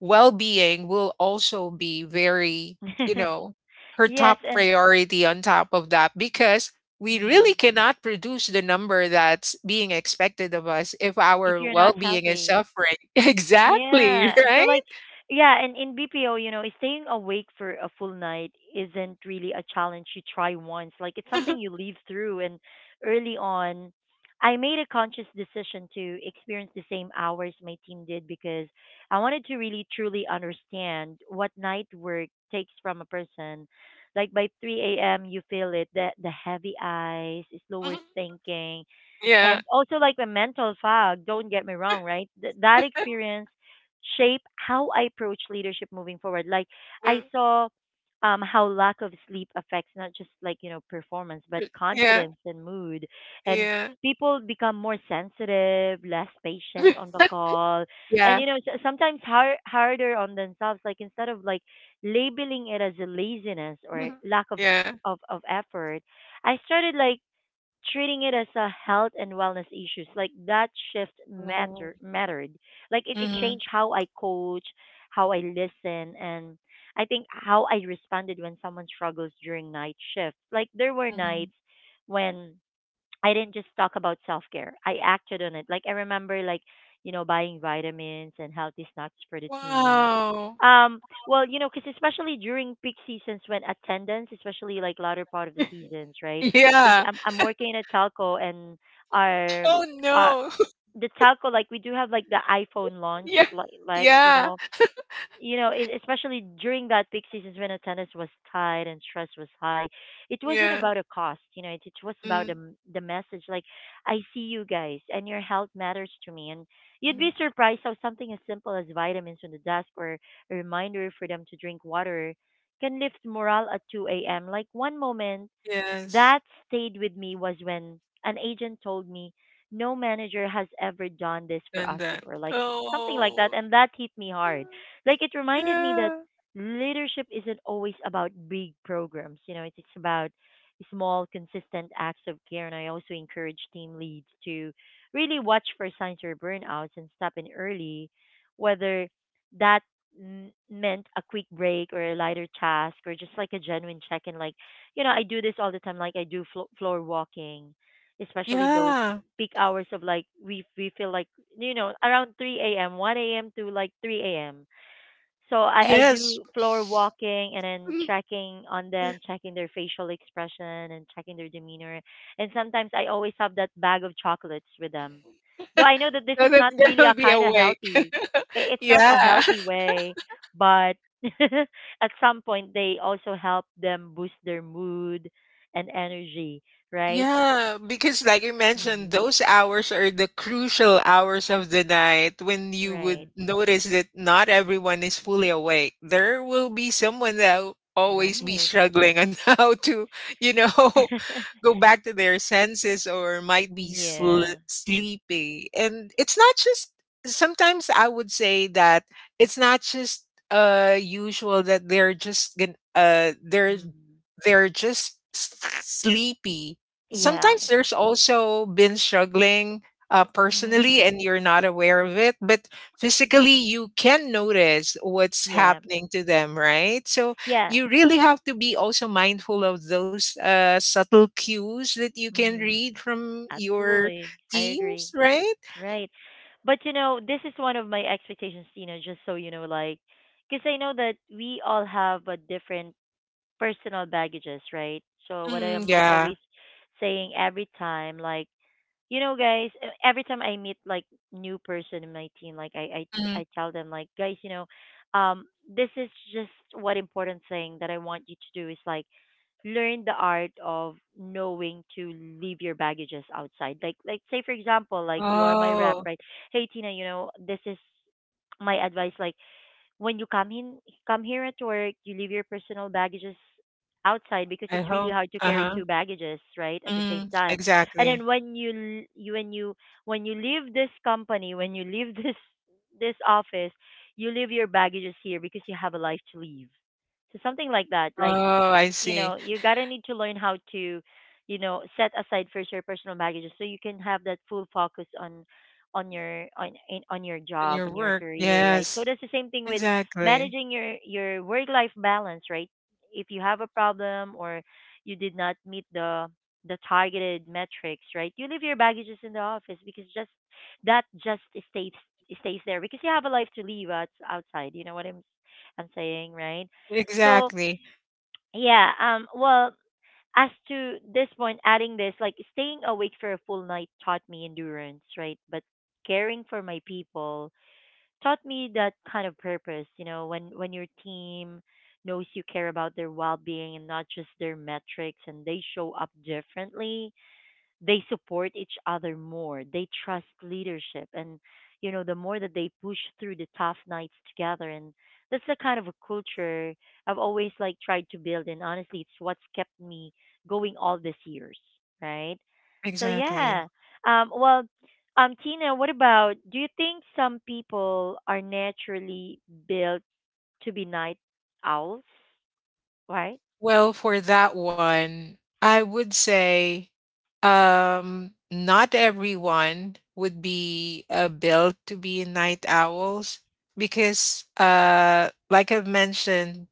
Speaker 2: well-being will also be very, you know, her
Speaker 1: Yes,
Speaker 2: top
Speaker 1: and
Speaker 2: priority on top of that because we
Speaker 1: mm,
Speaker 2: really cannot produce the number that's being expected of us if
Speaker 1: if
Speaker 2: our
Speaker 1: you're not
Speaker 2: well-being is
Speaker 1: healthy.
Speaker 2: suffering. Exactly,
Speaker 1: Yeah. So
Speaker 2: right?
Speaker 1: like, yeah, and in BPO, you know, staying awake for a full night isn't really a challenge you try once. Like, it's something you live through. And early on I made a conscious decision to experience the same hours my team did, because I wanted to really truly understand what night work takes from a person. Like by 3 a.m., you feel it, the heavy eyes, slower
Speaker 2: Mhm.
Speaker 1: thinking,
Speaker 2: Yeah.
Speaker 1: and also like the mental fog. Don't get me wrong, right? That experience shape how I approach leadership moving forward. Like
Speaker 2: Yeah.
Speaker 1: I saw how lack of sleep affects not just like, you know, performance, but
Speaker 2: Yeah.
Speaker 1: confidence and mood. And
Speaker 2: Yeah.
Speaker 1: people become more sensitive, less patient on the call, and,
Speaker 2: Yeah.
Speaker 1: you know, sometimes harder on themselves. Like instead of like labeling it as a laziness or
Speaker 2: Mhm.
Speaker 1: lack of
Speaker 2: Yeah.
Speaker 1: of effort, I started like treating it as a health and wellness issues. Like that shift
Speaker 2: Oh.
Speaker 1: matter mattered. Like it
Speaker 2: Mhm.
Speaker 1: changed how I coach, how I listen, and I think how I responded when someone struggles during night shift. Like there were
Speaker 2: Mhm.
Speaker 1: nights when I didn't just talk about self care. I acted on it. Like I remember, like, you know, buying vitamins and healthy snacks for the team.
Speaker 2: Wow.
Speaker 1: Um, well, you know, because especially during peak seasons when attendance, especially like latter part of the seasons, right? Because
Speaker 2: Yeah.
Speaker 1: I'm working in a telco, and our
Speaker 2: Oh
Speaker 1: our
Speaker 2: no.
Speaker 1: the telco, like we do have like the iPhone launch,
Speaker 2: Yeah.
Speaker 1: like, you
Speaker 2: Yeah.
Speaker 1: know, you know, it, especially during that peak seasons when attendance was tight and stress was high, it wasn't
Speaker 2: Yeah.
Speaker 1: about a cost. You know, it was about the
Speaker 2: Mm.
Speaker 1: the message. Like, I see you guys, and your health matters to me. And you'd be
Speaker 2: Mhm.
Speaker 1: surprised how something as simple as vitamins on the desk or a reminder for them to drink water can lift morale at 2 a.m. Like one moment
Speaker 2: Yes,
Speaker 1: that stayed with me was when an agent told me, no manager has ever done this for
Speaker 2: and
Speaker 1: us
Speaker 2: that.
Speaker 1: before, like something like that,
Speaker 2: Oh,
Speaker 1: and that hit me hard.
Speaker 2: mm,
Speaker 1: Like it reminded me that
Speaker 2: yeah,
Speaker 1: leadership isn't always about big programs, you know, it's about small, consistent acts of care. And I also encourage team leads to really watch for signs of burnouts and step in early, whether that meant a quick break or a lighter task or just like a genuine check in. Like, you know, I do this all the time. Like I do floor walking, especially those
Speaker 2: yeah,
Speaker 1: peak hours of like we feel like, you know, around 3 a.m., 1 a.m. to like 3 a.m. So I
Speaker 2: yes.
Speaker 1: do floor walking and then checking on them, checking their facial expression and checking their demeanor. And sometimes I always have that bag of chocolates with them. Though I know that this
Speaker 2: So
Speaker 1: is
Speaker 2: that
Speaker 1: not really
Speaker 2: they will
Speaker 1: a
Speaker 2: be
Speaker 1: kind of
Speaker 2: awake.
Speaker 1: healthy, it's not a
Speaker 2: Yeah.
Speaker 1: healthy way, but at some point they also help them boost their mood and energy, right?
Speaker 2: Yeah, because like you mentioned,
Speaker 1: Hmm.
Speaker 2: those hours are the crucial hours of the night when you
Speaker 1: Right,
Speaker 2: would notice that not everyone is fully awake. There will be someone that will always be
Speaker 1: right.
Speaker 2: struggling on how to, you know, go back to their senses or might be sl-
Speaker 1: Yeah.
Speaker 2: sleepy. And it's not just sometimes I would say that it's not just usual that they're just gon- uh they're
Speaker 1: Mm.
Speaker 2: they're just s- sleepy
Speaker 1: Yeah.
Speaker 2: sometimes there's also been struggling
Speaker 1: Hmm.
Speaker 2: personally and you're not aware of it but physically you can notice what's
Speaker 1: Yeah.
Speaker 2: happening to them right so
Speaker 1: Yeah.
Speaker 2: you really have to be also mindful of those subtle cues that you can
Speaker 1: Mm,
Speaker 2: read from your
Speaker 1: absolutely. I
Speaker 2: teams
Speaker 1: agree.
Speaker 2: right.
Speaker 1: Right. But you know, this is one of my expectations, Tina, just so you know, like, because I know that we all have a different personal baggages, right? So what I
Speaker 2: Mm,
Speaker 1: am
Speaker 2: yeah.
Speaker 1: always saying every time, like, you know, guys, every time I meet like new person in my team, like
Speaker 2: Mm.
Speaker 1: I tell them like, guys, you know, this is just what important thing that I want you to do is like learn the art of knowing to leave your baggages outside. Like say for example, like you are my rep,
Speaker 2: Oh.
Speaker 1: right? Hey Tina, you know, this is my advice. Like when you come in come here at work, you leave your personal baggages outside, because
Speaker 2: I
Speaker 1: it's
Speaker 2: hope.
Speaker 1: really hard to carry
Speaker 2: Uh-huh.
Speaker 1: two baggages, right, at the same
Speaker 2: Mm,
Speaker 1: time. And
Speaker 2: exactly.
Speaker 1: then when you leave this company, when you leave this office, you leave your baggages here because you have a life to leave. So something like that. Like,
Speaker 2: Oh I
Speaker 1: you
Speaker 2: see.
Speaker 1: know, you gotta need to learn how to, you know, set aside first your personal baggage so you can have that full focus on on your
Speaker 2: In
Speaker 1: job
Speaker 2: your
Speaker 1: and your
Speaker 2: work
Speaker 1: career, right? So
Speaker 2: yes.
Speaker 1: that's the same thing with
Speaker 2: Exactly.
Speaker 1: managing your work life balance, right? If you have a problem or you did not meet the targeted metrics, right, you leave your baggages in the office, because just that just stays, there because you have a life to live outside, you know what I'm saying, right? So
Speaker 2: Exactly.
Speaker 1: yeah, well, as to this point adding this, like staying awake for a full night taught me endurance, right? But caring for my people taught me that kind of purpose, you know, when your team knows you care about their well-being and not just their metrics, and they show up differently, they support each other more, they trust leadership, and, you know, the more that they push through the tough nights together. And that's the kind of a culture I've always like tried to build, and honestly, it's what's kept me going all these years, right? So yeah,
Speaker 2: Exactly.
Speaker 1: um well Tina, what about, do you think some people are naturally built to be night owls, right?
Speaker 2: Well, for that one, I would say not everyone would be built to be night owls because like I've mentioned,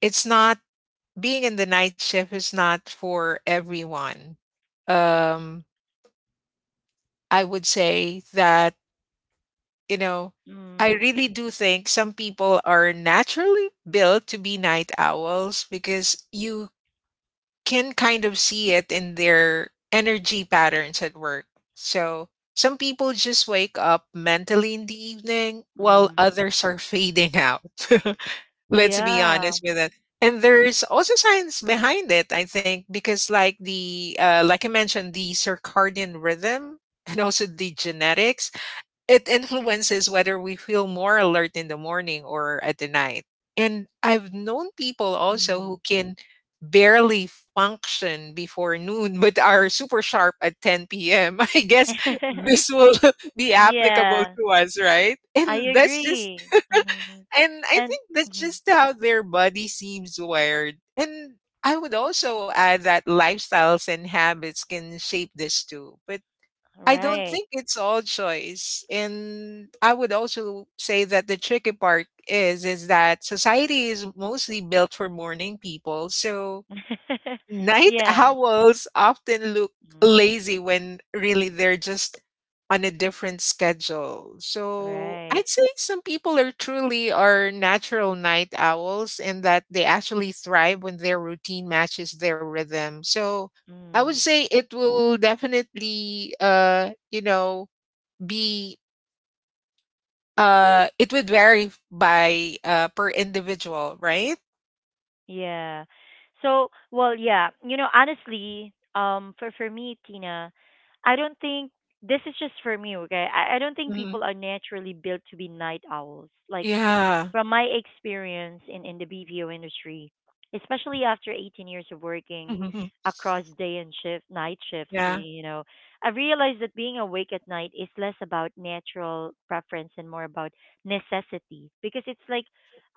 Speaker 2: it's not being in the night shift is not for everyone. Um I would say that, you know, I
Speaker 1: Mm.
Speaker 2: really do think some people are naturally built to be night owls because you can kind of see it in their energy patterns at work. So some people just wake up mentally in the evening while
Speaker 1: Mm,
Speaker 2: others are fading out. Let's be
Speaker 1: yeah.
Speaker 2: honest with it. And there's also science behind it, I think, because like the like I mentioned, the circadian rhythm and also the genetics it influences whether we feel more alert in the morning or at the night. And I've known people also
Speaker 1: Mm.
Speaker 2: who can barely function before noon but are super sharp at 10 p.m. I guess this will be applicable
Speaker 1: Yeah,
Speaker 2: to us, right?
Speaker 1: I
Speaker 2: And that's just
Speaker 1: agree. Hmm.
Speaker 2: and I
Speaker 1: And
Speaker 2: think that's
Speaker 1: mhm,
Speaker 2: just how their body seems wired. And I would also add that lifestyles and habits can shape this too. But I don't
Speaker 1: right.
Speaker 2: think it's all choice. And I would also say that the tricky part is that society is mostly built for morning people. So night
Speaker 1: Yes.
Speaker 2: owls often look
Speaker 1: Mm,
Speaker 2: lazy when really they're just on a different schedule. So
Speaker 1: right.
Speaker 2: I'd say some people are truly are natural night owls and that they actually thrive when their routine matches their rhythm. So I would
Speaker 1: Mm,
Speaker 2: say it will definitely you know be it would vary by per individual, right?
Speaker 1: yeah. So, well, yeah, you know, honestly, for me, Tina, I don't think, this is just for me, okay? I don't think
Speaker 2: Mhm.
Speaker 1: people are naturally built to be night owls. Like,
Speaker 2: Yeah.
Speaker 1: from my experience in the BPO industry, especially after 18 years of working across day and shift, night shifts,
Speaker 2: Yeah.
Speaker 1: you know, I realized that being awake at night is less about natural preference and more about necessity, because it's like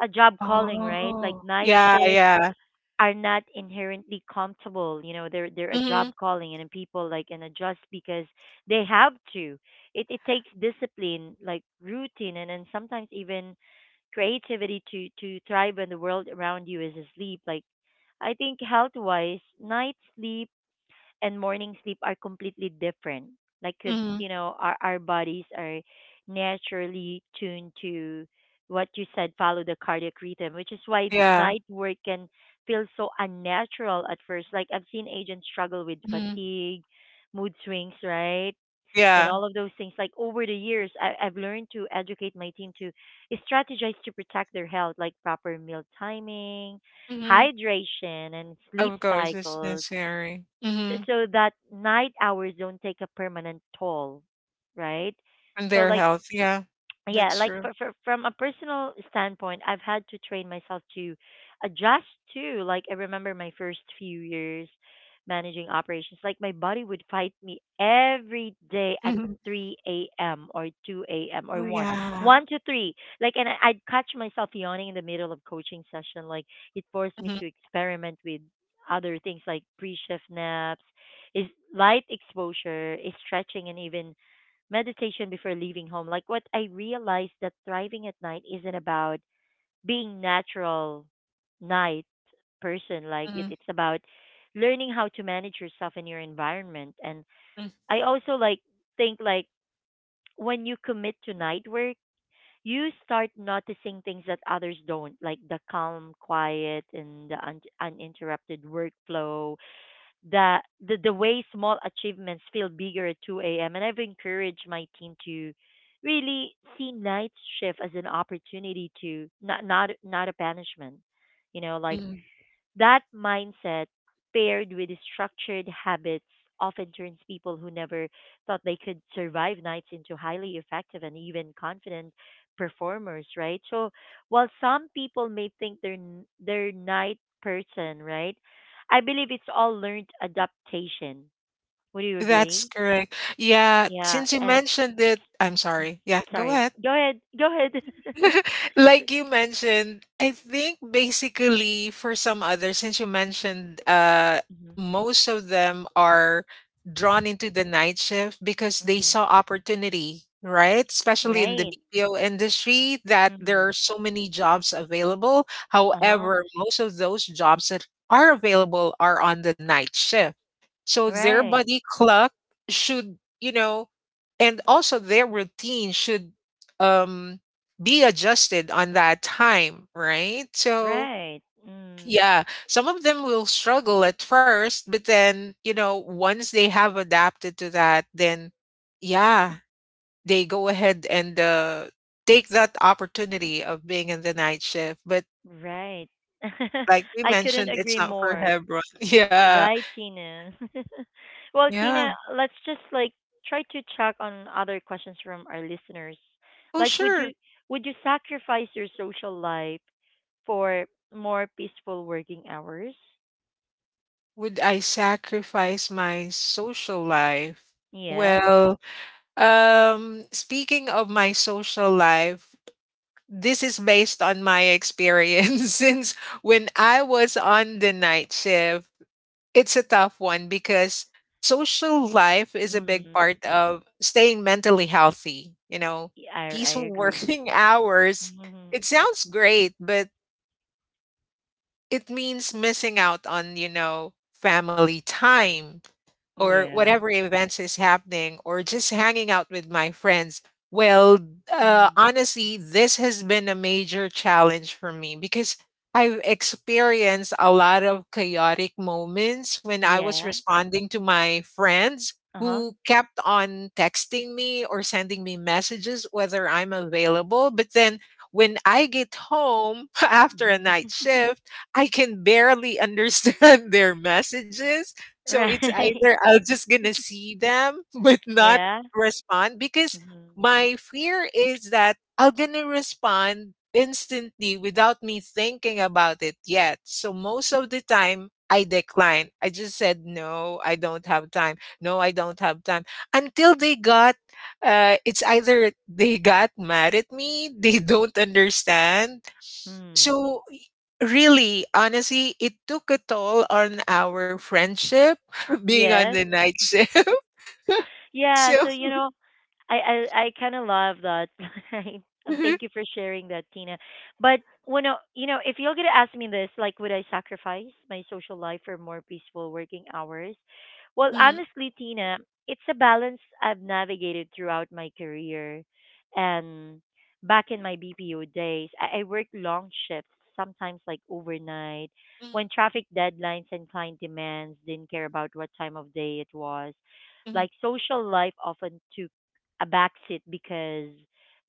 Speaker 1: a job calling, right? Like
Speaker 2: Oh,
Speaker 1: night
Speaker 2: yeah,
Speaker 1: shift
Speaker 2: yeah.
Speaker 1: are not inherently comfortable. You know, they're a job
Speaker 2: Mhm,
Speaker 1: calling, and then people like and adjust because they have to. It takes discipline, like routine, and then sometimes even creativity to thrive when the world around you is asleep. Like I think, health wise, night sleep and morning sleep are completely different. Like, cause
Speaker 2: mhm.
Speaker 1: you know, our bodies are naturally tuned to, what you said, follow the cardiac rhythm, which is why
Speaker 2: Yeah.
Speaker 1: night work can feel so unnatural at first. Like I've seen agents struggle with
Speaker 2: Mhm.
Speaker 1: fatigue, mood swings, right? And
Speaker 2: Yeah.
Speaker 1: all of those things. Like over the years, I've learned to educate my team to strategize to protect their health, like proper meal timing,
Speaker 2: Mhm.
Speaker 1: hydration, and sleep
Speaker 2: Of course, it's
Speaker 1: cycles
Speaker 2: necessary.
Speaker 1: so,
Speaker 2: Mhm.
Speaker 1: so that night hours don't take a permanent toll, right?
Speaker 2: And
Speaker 1: So
Speaker 2: their
Speaker 1: like
Speaker 2: health, yeah.
Speaker 1: yeah
Speaker 2: That's
Speaker 1: like
Speaker 2: true.
Speaker 1: from a personal standpoint I've had to train myself to adjust to like I remember my first few years managing operations like my body would fight me every day at
Speaker 2: Mhm.
Speaker 1: 3 a.m. or 2 a.m.
Speaker 2: Oh,
Speaker 1: or 1
Speaker 2: yeah.
Speaker 1: 1 to 3 like and I'd catch myself yawning in the middle of coaching session like it forced me
Speaker 2: Mhm,
Speaker 1: to experiment with other things like pre-shift naps is light exposure is stretching and even meditation before leaving home. Like what I realized that thriving at night isn't about being natural night person. Like it,
Speaker 2: mhm,
Speaker 1: it's about learning how to manage yourself and your environment. And
Speaker 2: mm,
Speaker 1: I also like think like when you commit to night work, you start noticing things that others don't, like the calm, quiet, and the uninterrupted workflow the the way small achievements feel bigger at 2 a.m. And I've encouraged my team to really see night shift as an opportunity to not a banishment, you know, like
Speaker 2: mhm.
Speaker 1: that mindset, paired with structured habits, often turns people who never thought they could survive nights into highly effective and even confident performers, right? So, while some people may think they're they're night person, right? I believe it's all learned adaptation. Would you
Speaker 2: That's
Speaker 1: agree?
Speaker 2: correct. Yeah,
Speaker 1: Yeah,
Speaker 2: since you
Speaker 1: and
Speaker 2: mentioned it I'm
Speaker 1: mm,
Speaker 2: sorry. Yeah, go
Speaker 1: sorry.
Speaker 2: ahead.
Speaker 1: Go ahead. Go ahead.
Speaker 2: Like you mentioned, I think basically for some others, since you mentioned
Speaker 1: Mhm.
Speaker 2: most of them are drawn into the night shift because they
Speaker 1: Mhm.
Speaker 2: saw opportunity, right? Especially in the
Speaker 1: Right.
Speaker 2: BPO industry that there are
Speaker 1: Mhm.
Speaker 2: so many jobs available.
Speaker 1: Uh-huh.
Speaker 2: However, most of those jobs that are available are on the night shift. So their
Speaker 1: Right.
Speaker 2: body clock should, you know, and also their routine should um be adjusted on that time, right? So
Speaker 1: Right. Mm.
Speaker 2: yeah, some of them will struggle at first, but then, you know, once they have adapted to that, then yeah, they go ahead and take that opportunity of being in the night shift. But
Speaker 1: Right.
Speaker 2: like we
Speaker 1: I couldn't
Speaker 2: mentioned, it's
Speaker 1: agree
Speaker 2: not for
Speaker 1: more.
Speaker 2: everyone. Yeah.
Speaker 1: Right, Tina. Well,
Speaker 2: Yeah.
Speaker 1: Tina, let's just like try to check on other questions from our listeners.
Speaker 2: Oh,
Speaker 1: Like would you
Speaker 2: sure.
Speaker 1: would you sacrifice your social life for more peaceful working hours?
Speaker 2: Would I sacrifice my social life?
Speaker 1: Yeah.
Speaker 2: Well, speaking of my social life, this is based on my experience since when I was on the night shift. It's a tough one because social life is a big
Speaker 1: Mhm.
Speaker 2: part of staying mentally healthy, you know,
Speaker 1: Yeah, I
Speaker 2: peaceful
Speaker 1: agree.
Speaker 2: working hours. It
Speaker 1: Mhm.
Speaker 2: sounds great, but it means missing out on, you know, family time or
Speaker 1: Yeah.
Speaker 2: whatever events is happening or just hanging out with my friends. Well,
Speaker 1: Mm.
Speaker 2: honestly, this has been a major challenge for me because I've experienced a lot of chaotic moments when I was
Speaker 1: Yeah.
Speaker 2: responding to my friends
Speaker 1: Uh-huh.
Speaker 2: who kept on texting me or sending me messages whether I'm available. But then when I get home after a night shift, I can barely understand their messages so it's
Speaker 1: Right.
Speaker 2: either I'll just gonna see them but not
Speaker 1: Yeah.
Speaker 2: respond because
Speaker 1: Mhm.
Speaker 2: my fear is that I'm gonna respond instantly without me thinking about it yet. So most of the time I decline. I just said no, I don't have time. No, I don't have time. Until they got it's either they got mad at me, they don't understand.
Speaker 1: Mm.
Speaker 2: So really, honestly, it took a toll on our friendship being on the
Speaker 1: Yes.
Speaker 2: night shift.
Speaker 1: Yeah,
Speaker 2: So,
Speaker 1: so you know, I kind of love that. Right? And thank you for sharing that, Tina. But when I- you know, if you're gonna ask me this, like, would I sacrifice my social life for more peaceful working hours? Well,
Speaker 2: mm,
Speaker 1: honestly, Tina, it's a balance I've navigated throughout my career, and back in my BPO days, I worked long shifts, sometimes like overnight,
Speaker 2: mm,
Speaker 1: when traffic deadlines and client demands didn't care about what time of day it was
Speaker 2: mhm.
Speaker 1: like social life often took a backseat because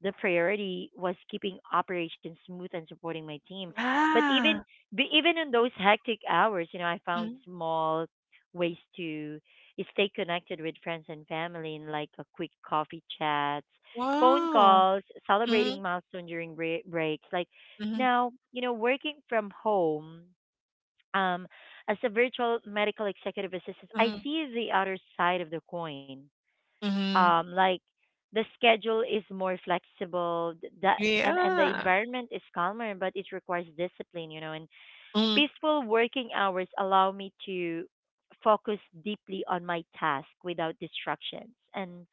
Speaker 1: the priority was keeping operations smooth and supporting my team. But even
Speaker 2: Ah,
Speaker 1: but even in those hectic hours, you know, I found
Speaker 2: mm.
Speaker 1: small ways to stay connected with friends and family in like a quick coffee chats, phone
Speaker 2: Wow.
Speaker 1: calls,
Speaker 2: Mm,
Speaker 1: celebrating milestone during breaks. Like
Speaker 2: mhm,
Speaker 1: now, you know, working from home, um, as a virtual medical executive assistant, I
Speaker 2: mhm,
Speaker 1: see the other side of the coin
Speaker 2: mhm.
Speaker 1: like the schedule is more flexible that and the
Speaker 2: Yeah.
Speaker 1: environment is calmer but it requires discipline you know and
Speaker 2: Mm,
Speaker 1: peaceful working hours allow me to focus deeply on my task without distractions and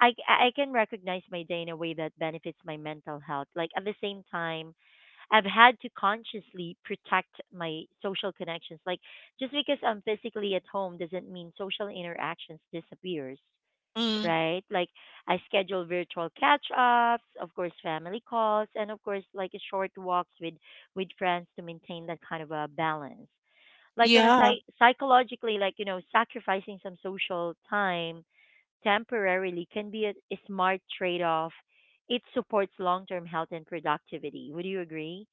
Speaker 1: I can recognize my day in a way that benefits my mental health. Like at the same time, I've had to consciously protect my social connections. Like just because I'm physically at home doesn't mean social interactions disappears,
Speaker 2: mm.
Speaker 1: right? Like I schedule virtual catch-ups, of course, family calls, and of course, like short walks with friends to maintain that kind of a balance. Like on a
Speaker 2: Yeah.
Speaker 1: psychologically, like you know, sacrificing some social time temporarily can be a smart trade-off. It supports long-term health and productivity. Would you agree?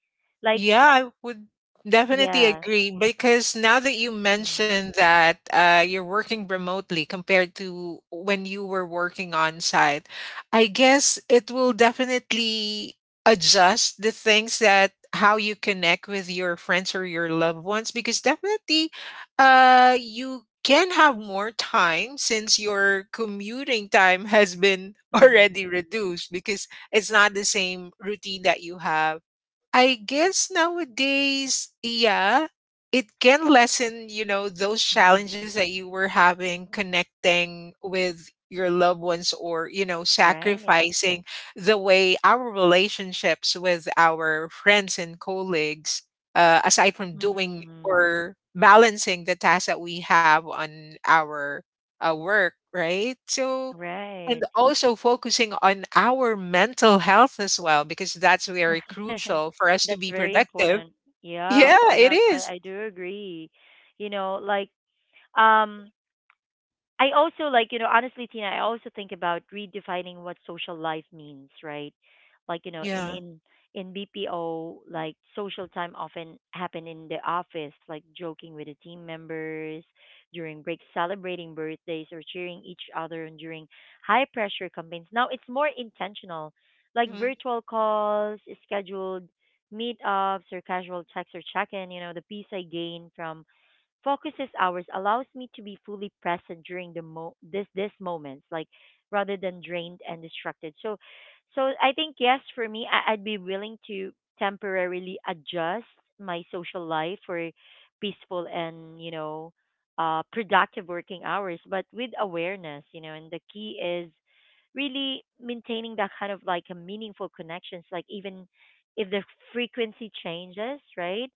Speaker 1: Like,
Speaker 2: Yeah, I would definitely
Speaker 1: yeah.
Speaker 2: agree because now that you
Speaker 1: Mm,
Speaker 2: mentioned that you're working remotely compared to when you were working on site, I guess it will definitely adjust the things that how you connect with your friends or your loved ones because definitely you can have more time since your commuting time has been
Speaker 1: mm,
Speaker 2: already reduced because it's not the same routine that you have I guess nowadays, yeah, it can lessen, you know, those
Speaker 1: mm.
Speaker 2: challenges that you were having connecting with your loved ones or, you know,
Speaker 1: Right.
Speaker 2: sacrificing the way our relationships with our friends and colleagues, aside from doing
Speaker 1: Mm,
Speaker 2: or balancing the tasks that we have on our work, right? So, and
Speaker 1: right.
Speaker 2: also focusing on our mental health as well, because that's very crucial for us to
Speaker 1: That's
Speaker 2: be
Speaker 1: very
Speaker 2: productive.
Speaker 1: important. Yep,
Speaker 2: Yeah, it
Speaker 1: yep.
Speaker 2: is.
Speaker 1: I do agree. You know, like um I also like, you know, honestly, Tina, I also think about redefining what social life means, right? Like, you know, in
Speaker 2: Yeah,
Speaker 1: in in BPO, like social time often happen in the office, like joking with the team members during breaks, celebrating birthdays, or cheering each other on during high pressure campaigns. Now it's more intentional, like
Speaker 2: mhm,
Speaker 1: virtual calls, scheduled meetups, or casual checks or check in. You know, the peace I gain from focuses hours allows me to be fully present during the mo this this moments like rather than drained and distracted. So I think yes for me, I'd be willing to temporarily adjust my social life for peaceful and you know productive working hours but with awareness you know and the key is really maintaining that kind of like a meaningful connections like even if the frequency changes, right,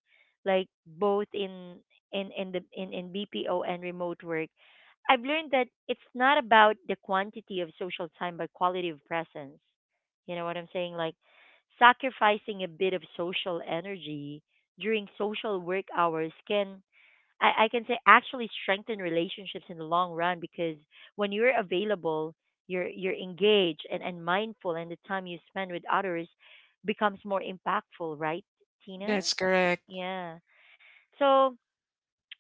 Speaker 1: like both in BPO and remote work, I've learned that it's not about the quantity of social time but quality of presence. You know what I'm saying? Like sacrificing a bit of social energy during social work hours can I can say actually strengthen relationships in the long run because when you're available, you're engaged and mindful and the time you spend with others becomes more impactful, right, Tina?
Speaker 2: that's correct.
Speaker 1: Yeah. So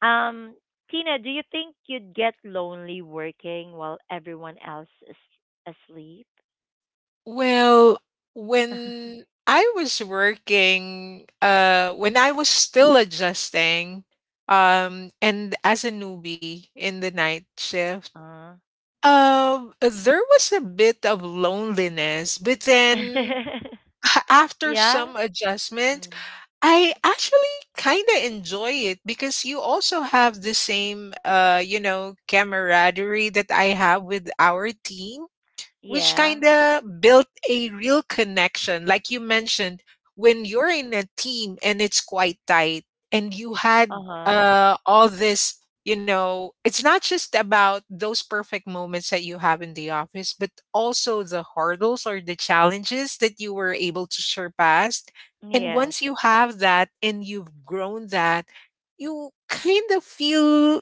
Speaker 1: um, Tina, do you think you'd get lonely working while everyone else is asleep?
Speaker 2: Well, when I was working, when I was still adjusting, and as a newbie in the night shift,
Speaker 1: Uh.
Speaker 2: there was a bit of loneliness, but then after
Speaker 1: Yeah.
Speaker 2: some adjustment,
Speaker 1: Mm.
Speaker 2: I actually kind of enjoy it because you also have the same, you know, camaraderie that I have with our team which
Speaker 1: Yeah.
Speaker 2: kind of built a real connection. Like you mentioned, when you're in a team and it's quite tight, and you had
Speaker 1: Uh-huh.
Speaker 2: all this, you know, it's not just about those perfect moments that you have in the office, but also the hurdles or the challenges that you were able to surpass. And
Speaker 1: Yes.
Speaker 2: once you have that and you've grown that, you kind of feel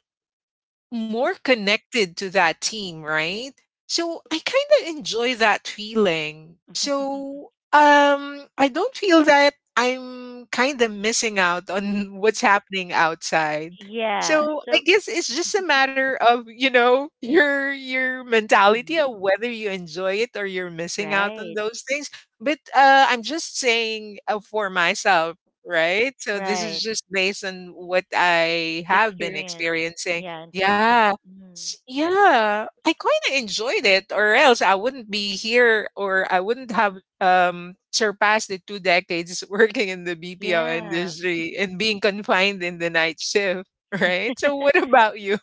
Speaker 2: more connected to that team, right? So I kind of enjoy that feeling. So I don't feel that I'm kind of missing out on what's happening outside.
Speaker 1: Yeah.
Speaker 2: So I
Speaker 1: So,
Speaker 2: guess it's just a matter of, you know, your mentality of
Speaker 1: mm,
Speaker 2: whether you enjoy it or you're missing out on
Speaker 1: right.
Speaker 2: those things. But I'm just saying for myself, right? So this is
Speaker 1: Right.
Speaker 2: just based on what I have been
Speaker 1: Experience.
Speaker 2: experiencing
Speaker 1: Yeah, and
Speaker 2: yeah.
Speaker 1: personal.
Speaker 2: S
Speaker 1: Mm.
Speaker 2: yeah, I kinda enjoyed it or else I wouldn't be here or I wouldn't have, surpassed the two decades working in the BPO
Speaker 1: Yeah.
Speaker 2: industry and being confined in the night shift, right? So what about you?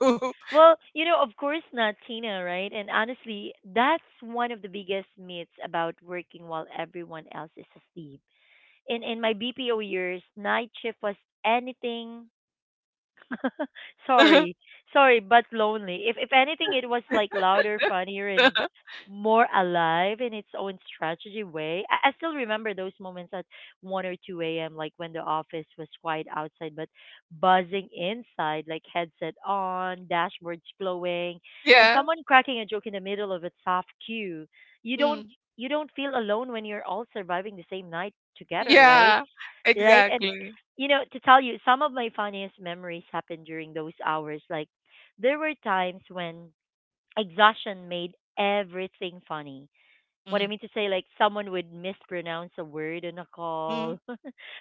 Speaker 1: Well, you know, of course not, Tina, right? And honestly, that's one of the biggest myths about working while everyone else is asleep. In my BPO years, night shift was anything sorry, sorry, but lonely. If anything, it was like louder, funnier, and more alive in its own strategy way. I still remember those moments at 1 or 2 a.m., like when the office was quiet outside but buzzing inside, like headset on, dashboards glowing, and
Speaker 2: Yeah.
Speaker 1: someone cracking a joke in the middle of a soft queue. You don't
Speaker 2: Mm.
Speaker 1: you don't feel alone when you're all surviving the same night together, right?
Speaker 2: Yeah,
Speaker 1: right? And
Speaker 2: exactly.
Speaker 1: you know, to tell you, some of my funniest memories happened during those hours. Like there were times when exhaustion made everything funny what I
Speaker 2: Mm,
Speaker 1: mean to say, like someone would mispronounce a word on a
Speaker 2: mm.
Speaker 1: call,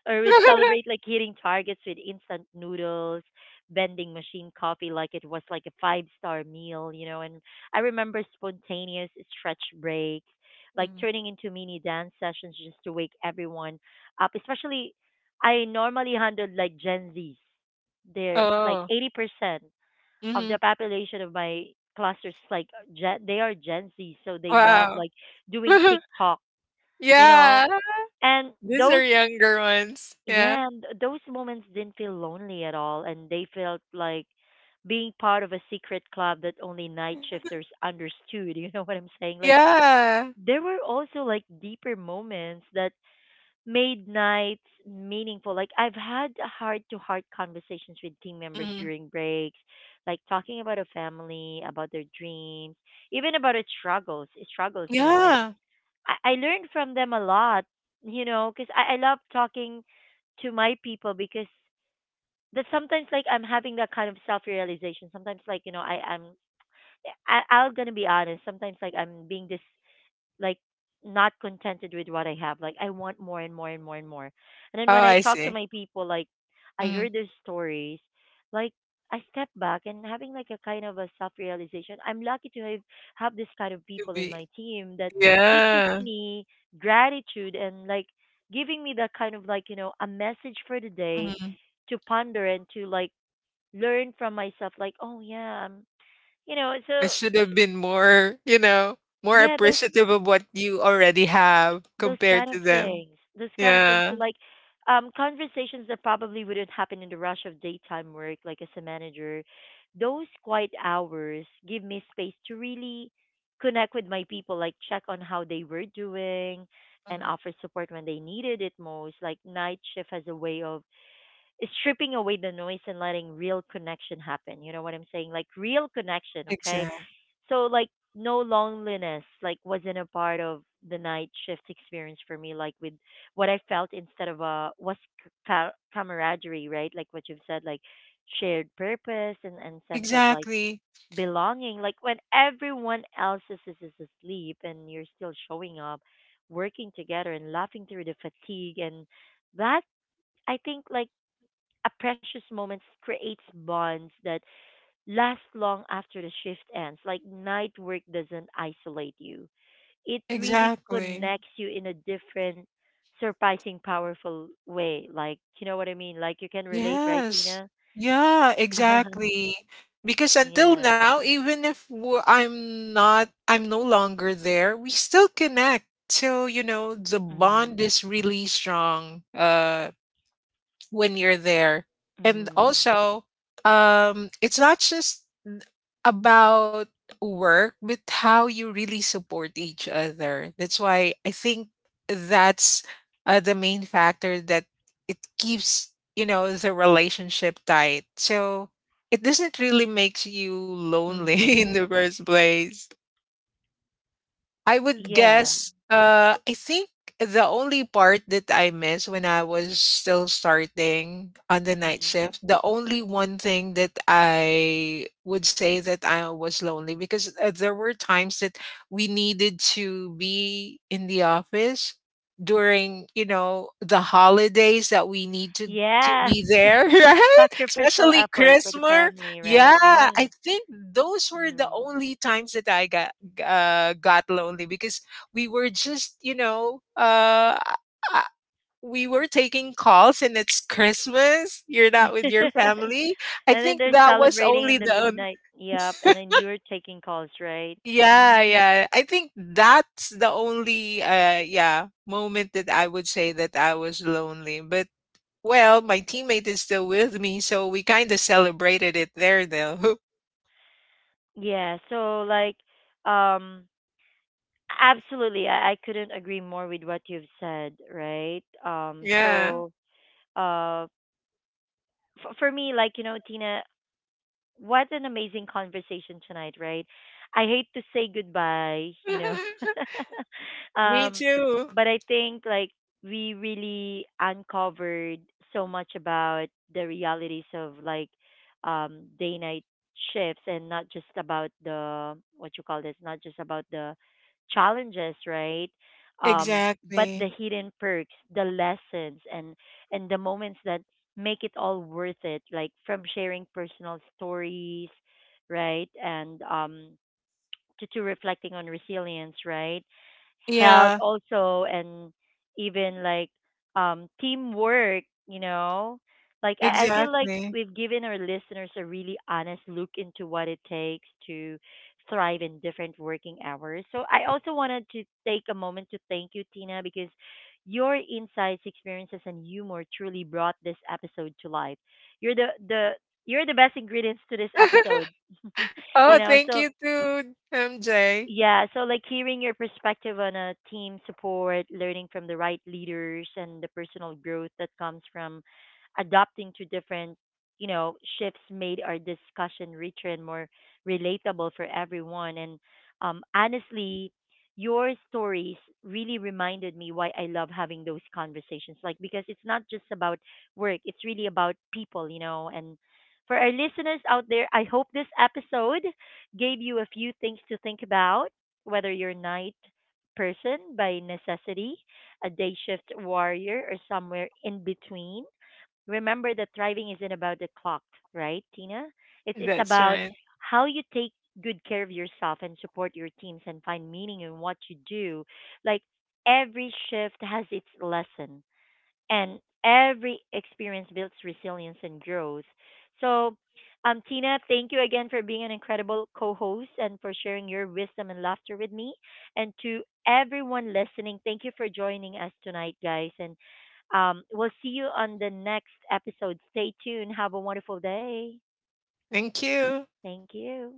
Speaker 1: or would celebrate like hitting targets with instant noodles, vending machine coffee like it was like a five-star meal, you know. And I remember spontaneous stretch breaks, like
Speaker 2: Mm.
Speaker 1: turning into mini dance sessions just to wake everyone up. Especially, I normally handled like Gen Zs. They're like
Speaker 2: Oh.
Speaker 1: 80% of the
Speaker 2: Mhm.
Speaker 1: population of my clusters like they are Gen Z, so they love
Speaker 2: Wow.
Speaker 1: like doing TikTok, you know.
Speaker 2: Yeah.
Speaker 1: And
Speaker 2: These are
Speaker 1: those,
Speaker 2: younger ones. Yeah.
Speaker 1: yeah, and those moments didn't feel lonely at all, and they felt like being part of a secret club that only night shifters understood. You know what I'm saying? Like
Speaker 2: Yeah.
Speaker 1: there were also like deeper moments that made nights meaningful. Like I've had heart to heart conversations with team members
Speaker 2: Mhm.
Speaker 1: during breaks, like talking about a family, about their dreams, even about its struggles, you know. And
Speaker 2: Yeah.
Speaker 1: I learned from them a lot, you know, because I love talking to my people because that sometimes like I'm having that kind of self realization. Sometimes like you know I'm gonna be honest. Sometimes like I'm being this like not contented with what I have. Like I want more and more and more and more. And then
Speaker 2: Oh,
Speaker 1: when I
Speaker 2: I
Speaker 1: talk to
Speaker 2: see.
Speaker 1: my people, like I
Speaker 2: Mhm.
Speaker 1: heard their stories, like I step back and having like a kind of a self realization. I'm lucky to have this kind of
Speaker 2: To
Speaker 1: people in
Speaker 2: be
Speaker 1: my team that teaches
Speaker 2: yeah.
Speaker 1: me gratitude and like giving me that kind of like you know a message for the day
Speaker 2: Mhm.
Speaker 1: to ponder and to like learn from myself. Like oh yeah, I'm you know
Speaker 2: I
Speaker 1: so
Speaker 2: should have been more, you know, more
Speaker 1: yeah
Speaker 2: appreciative of what you already have
Speaker 1: those
Speaker 2: compared
Speaker 1: kind of
Speaker 2: to them.
Speaker 1: things those kind of things so
Speaker 2: Yeah.
Speaker 1: like conversations that probably wouldn't happen in the rush of daytime work like as a manager those quiet hours give me space to really connect with my people like check on how they were doing and
Speaker 2: Mhm.
Speaker 1: offer support when they needed it most like night shift has a way of stripping away the noise and letting real connection happen. You know what I'm saying? Like real connection, okay?
Speaker 2: Exact
Speaker 1: So like no loneliness like wasn't a part of the night shift experience for me like with what I felt instead of was camaraderie, right? Like what you've said like shared purpose and sense of like
Speaker 2: exactly,
Speaker 1: belonging like when everyone else is asleep and you're still showing up working together and laughing through the fatigue and that I think like a precious moments creates bonds that last long after the shift ends. Like night work doesn't isolate you. It really
Speaker 2: exactly.
Speaker 1: connects you in a different, surprising, powerful way. Like you know what I mean? Like you can relate, right,
Speaker 2: Yes.
Speaker 1: Tina?
Speaker 2: Yeah, exactly. Because
Speaker 1: Yeah.
Speaker 2: until now, even if w I'm not I'm no longer there, we still connect. So, you know, the bond
Speaker 1: Mhm.
Speaker 2: is really strong, when you're there. And
Speaker 1: Mhm.
Speaker 2: also, it's not just n- about work, but how you really support each other. That's why I think that's the main factor that it keeps, you know, the relationship tight. So it doesn't really makes you lonely
Speaker 1: Mhm.
Speaker 2: in the first place. I would
Speaker 1: Yeah.
Speaker 2: guess, I think the only part that I missed when I was still starting on the night
Speaker 1: Mhm.
Speaker 2: shift, the only one thing that I would say that I was lonely because there were times that we needed to be in the office during, you know, the holidays that we need to
Speaker 1: Yeah.
Speaker 2: be there, right?
Speaker 1: Sacrificial
Speaker 2: Especially
Speaker 1: effort for the
Speaker 2: Christmas.
Speaker 1: family, right?
Speaker 2: Yeah,
Speaker 1: Yeah.
Speaker 2: I think those were the
Speaker 1: Mhm.
Speaker 2: only times that I got lonely because we were just, you know, uh, we were taking calls and it's Christmas. You're not with your family. I
Speaker 1: And then
Speaker 2: think
Speaker 1: they're
Speaker 2: that was
Speaker 1: celebrating in
Speaker 2: only
Speaker 1: the
Speaker 2: the on-
Speaker 1: midnight. Yep. And then you're taking calls, right?
Speaker 2: yeah,
Speaker 1: Hmm.
Speaker 2: yeah. I think that's the only yeah, moment that I would say that I was lonely. But well, my teammate is still with me, so we kind of celebrated it there though.
Speaker 1: Yeah. So like, um, absolutely. I couldn't agree more with what you've said, right? Um,
Speaker 2: Yeah.
Speaker 1: so, uh, for me, like you know, Tina. What an amazing conversation tonight, right? I hate to say goodbye, you know.
Speaker 2: Me
Speaker 1: um,
Speaker 2: too.
Speaker 1: but I think like we really uncovered so much about the realities of like day night shifts and not just about the what you call this, not just about the challenges, right? Um, but the
Speaker 2: Exactly.
Speaker 1: hidden perks, the lessons and the moments that make it all worth it like from sharing personal stories right and to reflecting on resilience, right? Health
Speaker 2: Yeah,
Speaker 1: also, and even like teamwork, you know? Like, I feel like
Speaker 2: exactly.
Speaker 1: we've given our listeners a really honest look into what it takes to thrive in different working hours. So, I also wanted to take a moment to thank you, Tina, because your insights, experiences, and humor truly brought this episode to life. You're the best ingredients to this episode. You
Speaker 2: Oh,
Speaker 1: know,
Speaker 2: thank
Speaker 1: so
Speaker 2: you too, MJ.
Speaker 1: yeah, so like hearing your perspective on a team support, learning from the right leaders, and the personal growth that comes from adapting to different, you know, shifts made our discussion richer and more relatable for everyone. And honestly, your stories really reminded me why I love having those conversations. Like because it's not just about work; it's really about people, you know. And for our listeners out there, I hope this episode gave you a few things to think about, whether you're a night person by necessity, a day shift warrior, or somewhere in between. Remember that thriving isn't about the clock, right, Tina? It's
Speaker 2: That's
Speaker 1: about
Speaker 2: right.
Speaker 1: how you take good care of yourself and support your teams and find meaning in what you do. Like every shift has its lesson and every experience builds resilience and growth. So, Tina, thank you again for being an incredible co-host and for sharing your wisdom and laughter with me. And to everyone listening, thank you for joining us tonight, guys. And we'll see you on the next episode. Stay tuned. Have a wonderful day.
Speaker 2: Thank you.
Speaker 1: Thank you.